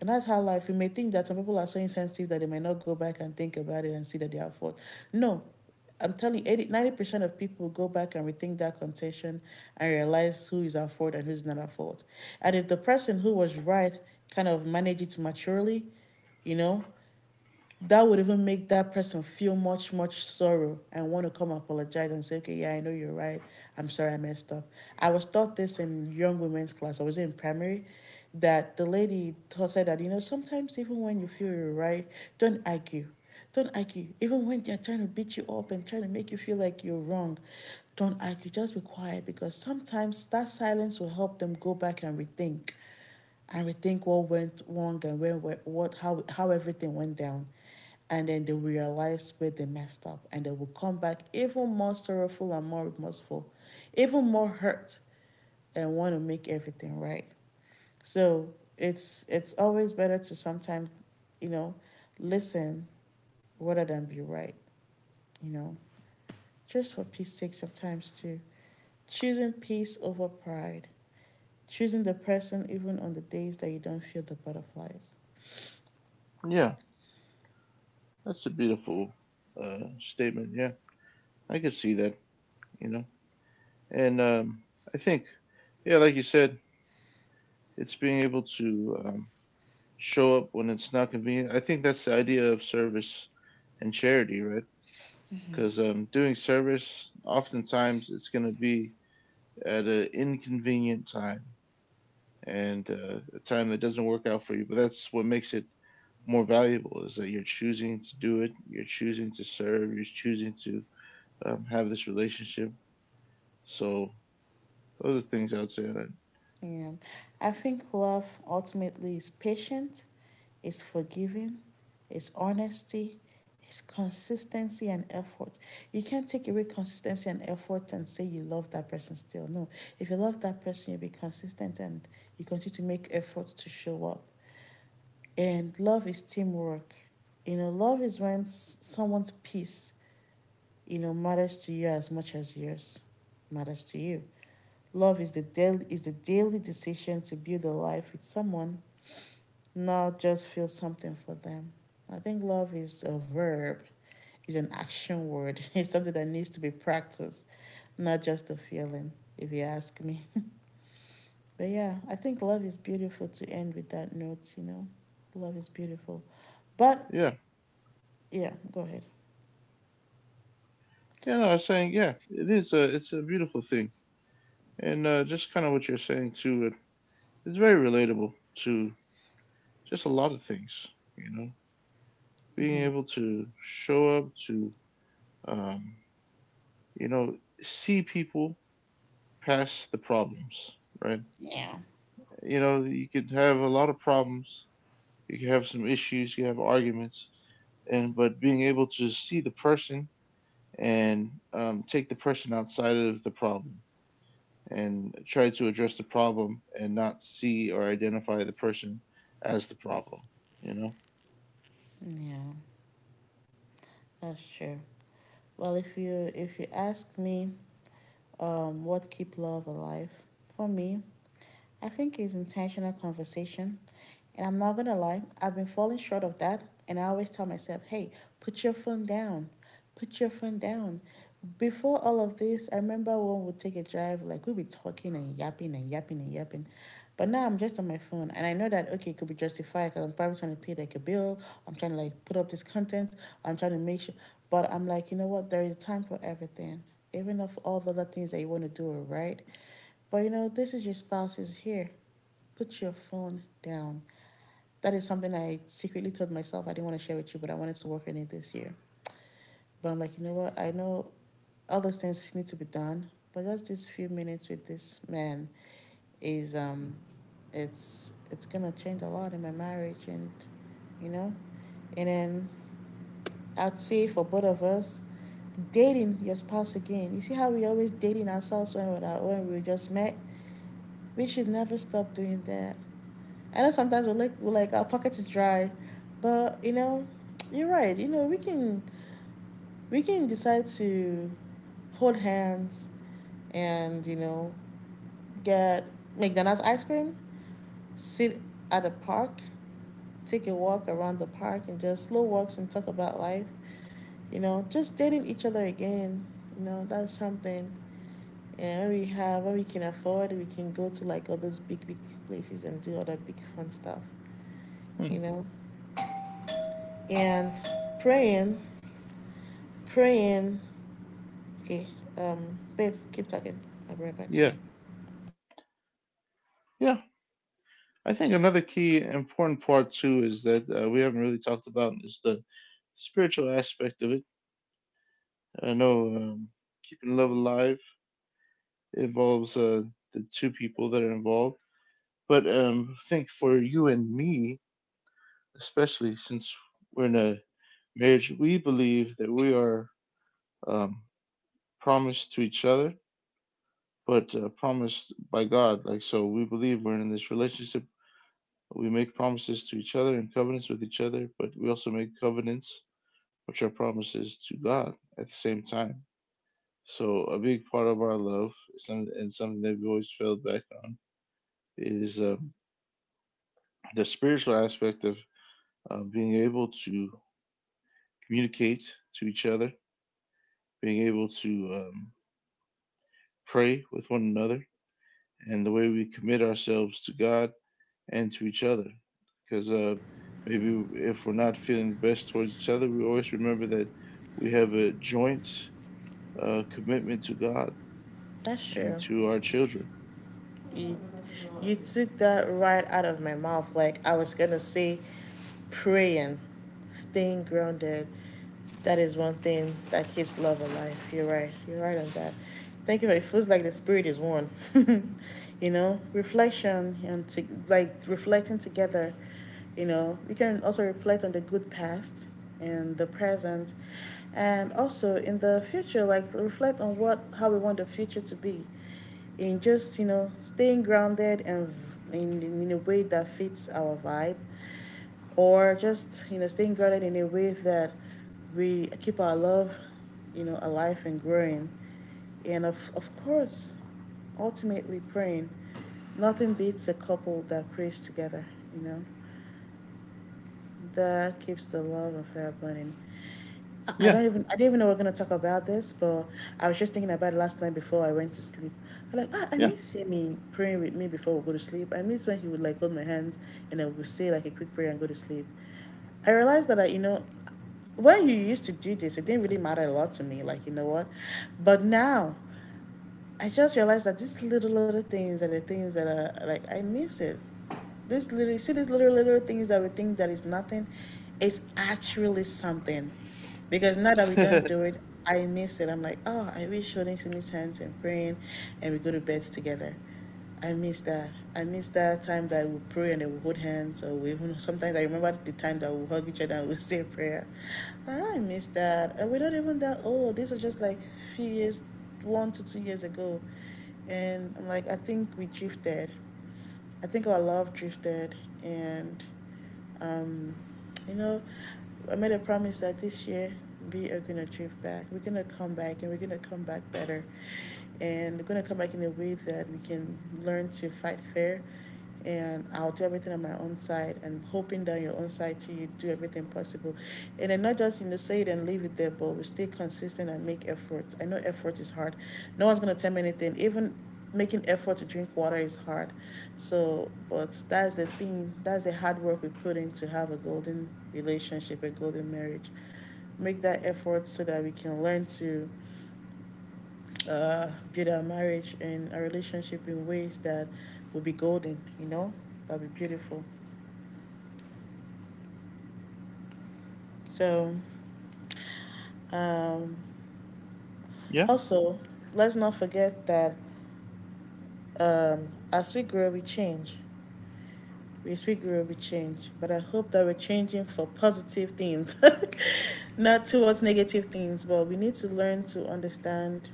And that's how life. You may think that some people are so insensitive that they may not go back and think about it and see that they are at fault. No, I'm telling you, eighty, ninety percent of people go back and rethink that contention and realize who is at fault and who's not at fault. And if the person who was right kind of manage it maturely, you know, that would even make that person feel much, much sorrow and want to come apologize and say, okay, yeah, I know you're right. I'm sorry I messed up. I was taught this in young women's class. I was in primary, that the lady said that, you know, sometimes even when you feel you're right, don't argue. Don't argue. Even when they're trying to beat you up and trying to make you feel like you're wrong, don't argue. Just be quiet, because sometimes that silence will help them go back and rethink, and we think what went wrong, and where, where what, how how everything went down. And then they will realize where they messed up and they will come back even more sorrowful and more remorseful, even more hurt, and want to make everything right. So it's it's always better to sometimes, you know, listen rather than be right, you know, just for peace sake. Sometimes too, choosing peace over pride, choosing the person even on the days that you don't feel the butterflies.
Yeah, that's a beautiful uh, statement. Yeah, I could see that, you know. And um, I think, yeah, like you said, it's being able to um, show up when it's not convenient. I think that's the idea of service and charity, right? Because um, doing service, oftentimes, it's going to be at an inconvenient time and uh, a time that doesn't work out for you. But that's what makes it more valuable is that you're choosing to do it, you're choosing to serve, you're choosing to um, have this relationship. So those are things I would say that,
Yeah. I think love ultimately is patient, is forgiving, is honesty, is consistency and effort. You can't take away consistency and effort and say you love that person still. No. If you love that person, you'll be consistent and you continue to make efforts to show up. And love is teamwork. You know, love is when someone's peace, you know, matters to you as much as yours matters to you. Love is the daily is the daily decision to build a life with someone, not just feel something for them. I think love is a verb, is an action word. (laughs) It's something that needs to be practiced, not just a feeling, if you ask me. (laughs) But yeah, I think love is beautiful, to end with that note, you know. Love is beautiful. But
yeah.
yeah, go ahead.
Yeah, no, I was saying, yeah, it is a, it's a beautiful thing, and uh, just kind of what you're saying too. It, it's very relatable to just a lot of things. You know, being able to show up to, um, you know, see people past the problems. Right.
Yeah.
You know, you could have a lot of problems. You could have some issues. You have arguments, and but being able to see the person and um, take the person outside of the problem and try to address the problem and not see or identify the person as the problem. You know?
Yeah. That's true. Well, if you if you ask me, um what keep love alive, for me I think it's intentional conversation. And I'm not going to lie, I've been falling short of that. And I always tell myself, hey, put your phone down. Put your phone down. Before all of this, I remember when we'd take a drive, like we'd be talking and yapping and yapping and yapping. But now I'm just on my phone. And I know that, okay, it could be justified because I'm probably trying to pay like a bill. I'm trying to like put up this content. I'm trying to make sure. But I'm like, you know what? There is time for everything, even of all the other things that you want to do, right? But you know, this is, your spouse is here. Put your phone down. That is something I secretly told myself I didn't want to share with you, but I wanted to work on it this year. But I'm like, you know what? I know all those things need to be done, but just these few minutes with this man is, um, it's it's gonna change a lot in my marriage, and you know. And then I'd say, for both of us, dating your spouse again. You see how we always dating ourselves when we when we just met. We should never stop doing that. I know sometimes we're like we're like our pocket is dry, but you know, you're right. You know, we can we can decide to hold hands and you know get McDonald's ice cream, sit at a park, take a walk around the park, and just slow walks and talk about life. You know, just dating each other again. You know, that's something. And when we have when we can afford, we can go to like all those big big places and do other big fun stuff.
Hmm.
You know, and praying praying. Okay, um, babe, keep talking. I'll be right back.
Yeah. Yeah. I think another key important part too, is that uh, we haven't really talked about, is the spiritual aspect of it. I know um, keeping love alive involves uh, the two people that are involved, but um, I think for you and me, especially since we're in a marriage, we believe that we are um, promised to each other, but uh, promised by God. Like, so we believe we're in this relationship. We make promises to each other and covenants with each other, but we also make covenants, which are promises to God at the same time. So, a big part of our love, and something that we always failed back on, is uh, the spiritual aspect of uh, being able to communicate to each other, being able to um, pray with one another, and the way we commit ourselves to God and to each other. Because uh, maybe if we're not feeling the best towards each other, we always remember that we have a joint uh, commitment to God
That's
and
true.
to our children.
you, you took that right out of my mouth. Like I was gonna say, praying, staying grounded. That is one thing that keeps love alive. You're right. You're right on that. Thank you. It feels like the spirit is one. (laughs) You know, reflection and to, like reflecting together. You know, we can also reflect on the good past and the present, and also in the future, like reflect on what how we want the future to be, in just you know staying grounded and in, in in a way that fits our vibe, or just you know staying grounded in a way that we keep our love you know alive and growing, and of, of course ultimately praying. Nothing beats a couple that prays together you know that keeps the love affair burning. I I
Yeah,
don't even I didn't even know we are gonna talk about this, but I was just thinking about it last night before I went to sleep. I'm like, ah, I
yeah,
miss Simi praying with me before we go to sleep. I miss when he would like hold my hands and I would say like a quick prayer and go to sleep. I realized that I, you know, when you used to do this, it didn't really matter a lot to me. Like you know what, but now I just realized that these little little things are the things that are like I miss it. This little see these little little things that we think that is nothing, it's actually something. Because now that we don't do
(laughs)
it, I miss it. I'm like, oh, I wish holding Simi hands and praying, and we go to bed together. I miss that. I miss that time that we pray and then we hold hands, or we even sometimes I remember the time that we hug each other and we (laughs) say prayer. Ah, I miss that. And we're not even that old. This was just like a few years, one to two years ago, and I'm like I think we drifted. I think our love drifted, and um, you know, I made a promise that this year we are gonna drift back. We're gonna come back, and we're gonna come back better, and we're gonna come back in a way that we can learn to fight fair, and I'll do everything on my own side, and hoping that on your own side too you do everything possible. And then not just you know say it and leave it there, but we stay consistent and make efforts. I know effort is hard. No one's gonna tell me anything. Even making effort to drink water is hard. So but that's the thing, that's the hard work we put in to have a golden relationship, a golden marriage. Make that effort so that we can learn to uh, build our marriage and our relationship in ways that will be golden, you know, that'll be beautiful. So, um,
yeah,
also, let's not forget that um, as we grow, we change. Yes, we grow, we change. But I hope that we're changing for positive things, (laughs) not towards negative things. But we need to learn to understand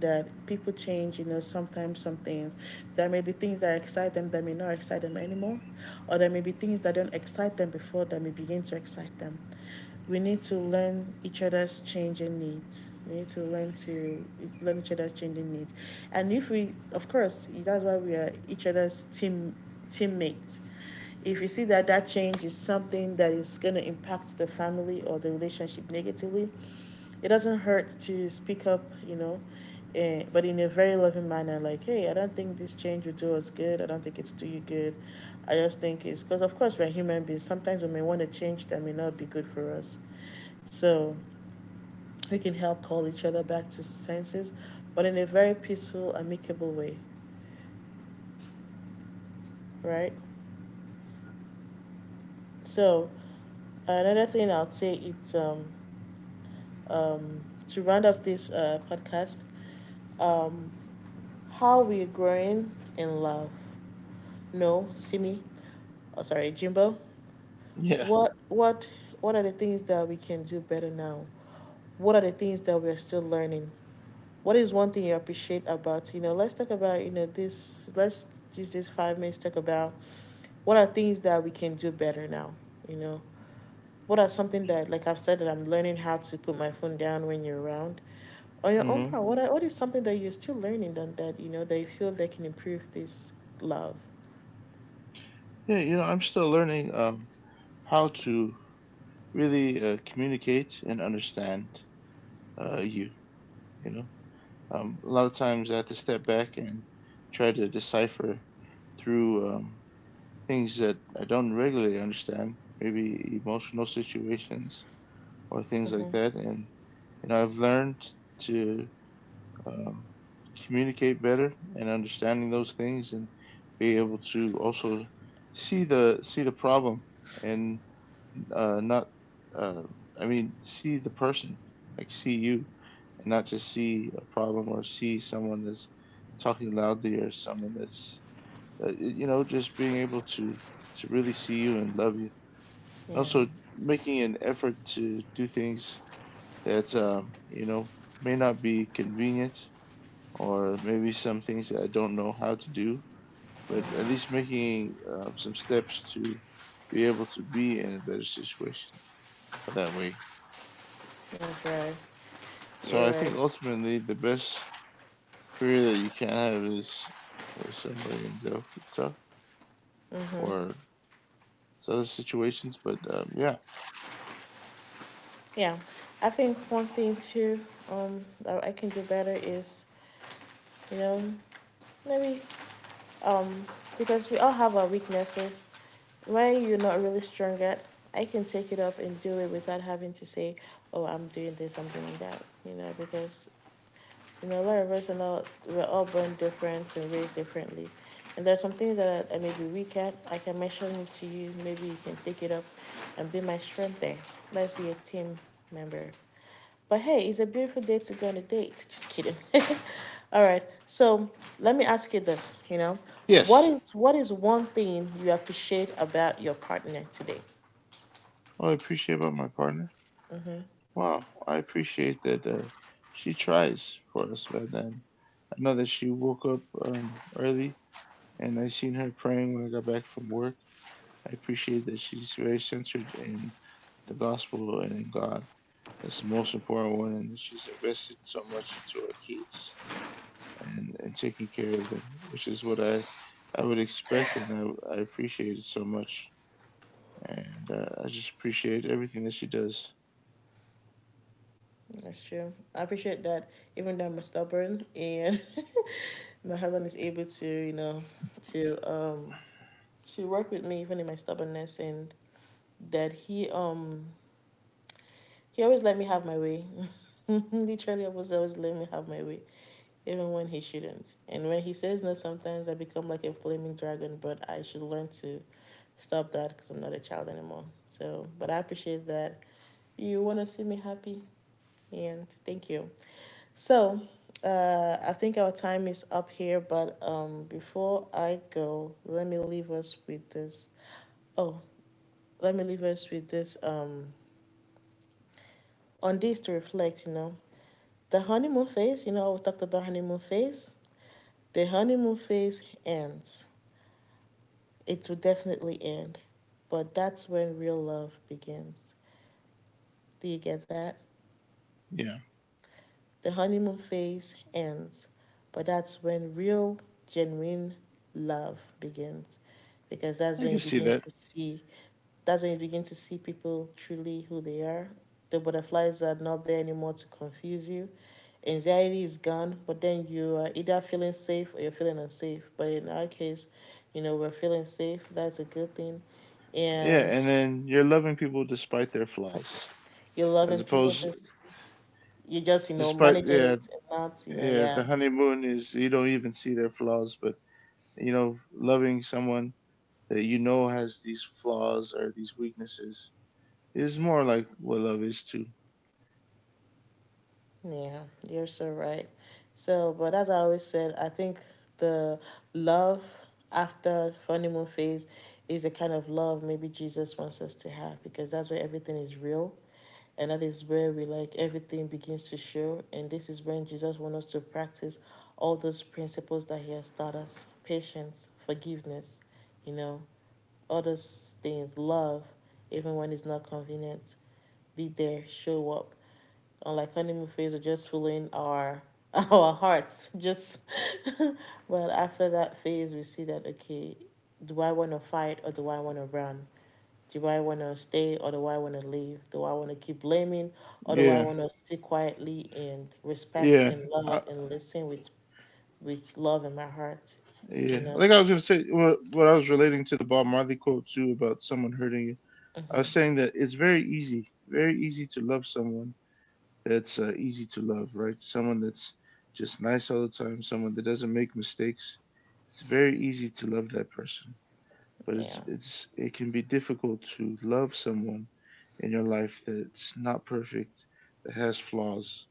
that people change, you know, sometimes some things. There may be things that excite them that may not excite them anymore, or there may be things that don't excite them before that may begin to excite them. We need to learn each other's changing needs. We need to learn to learn each other's changing needs. And if we, of course, that's why we are each other's team teammate. If you see that that change is something that is going to impact the family or the relationship negatively, it doesn't hurt to speak up, you know, eh, but in a very loving manner. Like, hey, I don't think this change will do us good. I don't think it'll do you good. I just think it's because, of course, we're human beings. Sometimes we may want to change that may not be good for us. So we can help call each other back to senses, but in a very peaceful, amicable way, right? So, another thing I'd say, it's um, um, to round up this uh, podcast, um, how we're growing in love. No, Simi, oh sorry, Jimbo.
yeah.
What what what are the things that we can do better now? What are the things that we're still learning? What is one thing you appreciate about, you know? Let's talk about you know this. Let's use this five minutes to talk about what are things that we can do better now. You know, What are something that, like I've said, that I'm learning how to put my phone down when you're around? On your own
Hmm.
part, what are, what is something that you're still learning, that, that you know that you feel they can improve this love?
Yeah, you know, I'm still learning um, how to really uh, communicate and understand uh, you. You know, um, a lot of times I have to step back and try to decipher through um, things that I don't regularly understand, maybe emotional situations or things
Mm-hmm.
like that. And you know, I've learned to um, communicate better and understanding those things, and be able to also see the see the problem and uh, not. Uh, I mean, see the person, like see you, and not just see a problem or see someone that's talking loudly or someone that's uh, you know, just being able to to really see you and love you, and
Yeah,
also making an effort to do things that um, you know may not be convenient, or maybe some things that I don't know how to do, but at least making uh, some steps to be able to be in a better situation for that way.
that's right.
So
You're
I
right.
think ultimately the best career that you can have is with somebody in Delta or other situations. But um, yeah.
Yeah, I think one thing too um that I can do better is, you know, maybe, Um, because we all have our weaknesses. When you're not really strong at, I can take it up and do it without having to say, "Oh, I'm doing this, I'm doing that," you know, because you know, a lot of us are not, we're all born different and raised differently. And there are some things that I, I may be weak at. I can mention it to you. Maybe you can take it up and be my strength there. Let's be a team member. But hey, it's a beautiful day to go on a date. Just kidding. (laughs) All right. So let me ask you this. You know, what
Yes.
is what is one thing you appreciate about your partner today?
Oh, I appreciate about my partner. Wow, I appreciate that uh, she tries for us, man. And I know that she woke up um, early, and I seen her praying when I got back from work. I appreciate that she's very centered in the gospel and in God. That's the most important one, and that she's invested so much into our kids and, and taking care of them, which is what I I would expect, and I, I appreciate it so much. And uh, I just appreciate everything that she does.
That's true. I appreciate that even though I'm stubborn and (laughs) you know, heaven is able to, you know, to um to work with me even in my stubbornness, and that he um he always let me have my way. (laughs) Literally I was always let me have my way. Even when he shouldn't. And when he says no sometimes I become like a flaming dragon, but I should learn to stop that because I'm not a child anymore. So but I appreciate that you wanna see me happy, and thank you. So, uh, I think our time is up here, but um, before I go, let me leave us with this. Oh, let me leave us with this. Um, on this to reflect, you know, the honeymoon phase. You know, we talked about honeymoon phase. The honeymoon phase ends. It will definitely end, but that's when real love begins. Do you get that?
Yeah,
The honeymoon phase ends, but that's when real, genuine love begins, because that's
I
when you
can see
begin
that.
to see that's when you begin to see people truly who they are. The butterflies are not there anymore to confuse you. Anxiety is gone, but then you are either feeling safe or you're feeling unsafe. But in our case, you know, we're feeling safe. That's a good thing.
Yeah,
And
and then you're loving people despite their flaws,
you're
as
loving people
opposed,
just you're just, you know,
despite,
managing
yeah.
it, and not, you know,
Yeah, the
yeah.
honeymoon is you don't even see their flaws, but you know, loving someone that you know has these flaws or these weaknesses is more like what love is too.
Yeah, you're so right. So, but as I always said, I think the love after honeymoon phase is a kind of love maybe Jesus wants us to have, because that's where everything is real, and that is where we, like, everything begins to show. And this is when Jesus wants us to practice all those principles that he has taught us, patience, forgiveness, you know, all those things, love, even when it's not convenient, be there, show up. Or like honeymoon phase, we're just following our (laughs) our hearts. Just well, after that phase we see that, okay, do I want to fight or do I want to run? Do I want to stay or do I want to leave? Do I want to keep blaming, or do I
Yeah,
want to sit quietly and respect
yeah,
and
I,
love and listen with with love in my heart? you
yeah.
know
Like I was gonna say, what, what I was relating to the Bob Marley quote too, about someone hurting you. I was saying that it's very easy, very easy to love someone that's uh, easy to love, right? Someone that's just nice all the time, someone that doesn't make mistakes. It's very easy to love that person, but it's
yeah,
it's it can be difficult to love someone in your life that's not perfect, that has flaws.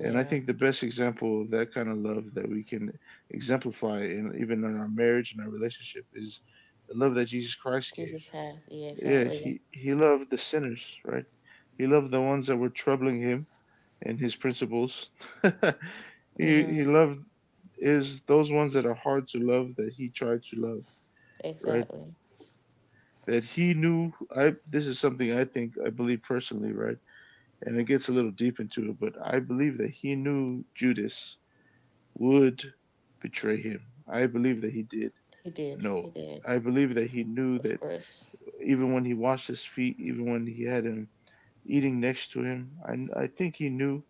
And I think the best example of that kind of love that we can exemplify, in, even in our marriage and our relationship, is the love that Jesus Christ gave.
Jesus has, yeah.
Yeah,
Exactly,
he, he loved the sinners, right? He loved the ones that were troubling him and his principles. (laughs) he he loved, is those ones that are hard to love that he tried to love, right?
exactly.
That he knew, I, this is something I think I believe personally, right? And it gets a little deep into it, but I believe that he knew Judas would betray him. I believe that he did
He did, he
know.
did,
I believe that he knew
of
that,
course.
even when he washed his feet, even when he had him eating next to him, I, I think he knew,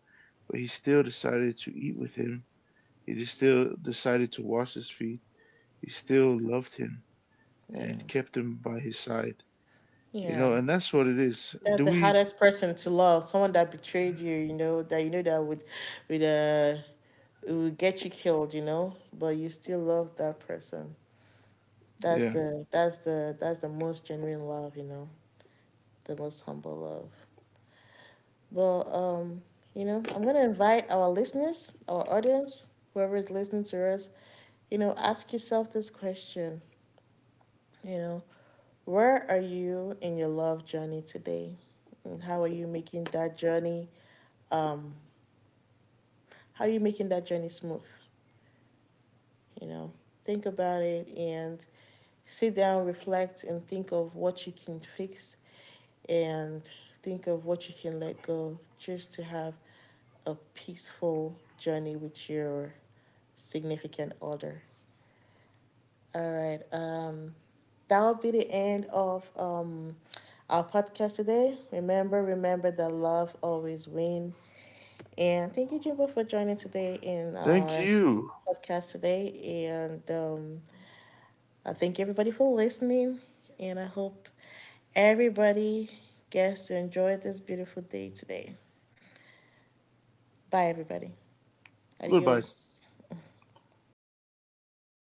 but he still decided to eat with him, he still decided to wash his feet. He still loved him
Yeah,
and kept him by his side. You
yeah.
know, and that's what it is.
That's
Do
the
we?
hardest person to love. Someone that betrayed you, you know, that you know that would would uh it would get you killed, you know, but you still love that person. That's
Yeah.
the that's the that's the most genuine love, you know, the most humble love. Well, um, you know, I'm gonna invite our listeners, our audience, whoever is listening to us, you know, ask yourself this question, you know, where are you in your love journey today? And how are you making that journey? um. How are you making that journey smooth? You know, think about it and sit down, reflect, and think of what you can fix, and think of what you can let go just to have a peaceful journey with your significant other. All right. Um, that'll be the end of um, our podcast today. Remember, remember that love always wins. And thank you, Jimbo, for joining today in
Thank
our
you.
podcast today. And um, I thank everybody for listening. And I hope everybody gets to enjoy this beautiful day today. Bye, everybody.
Goodbye.
Adios.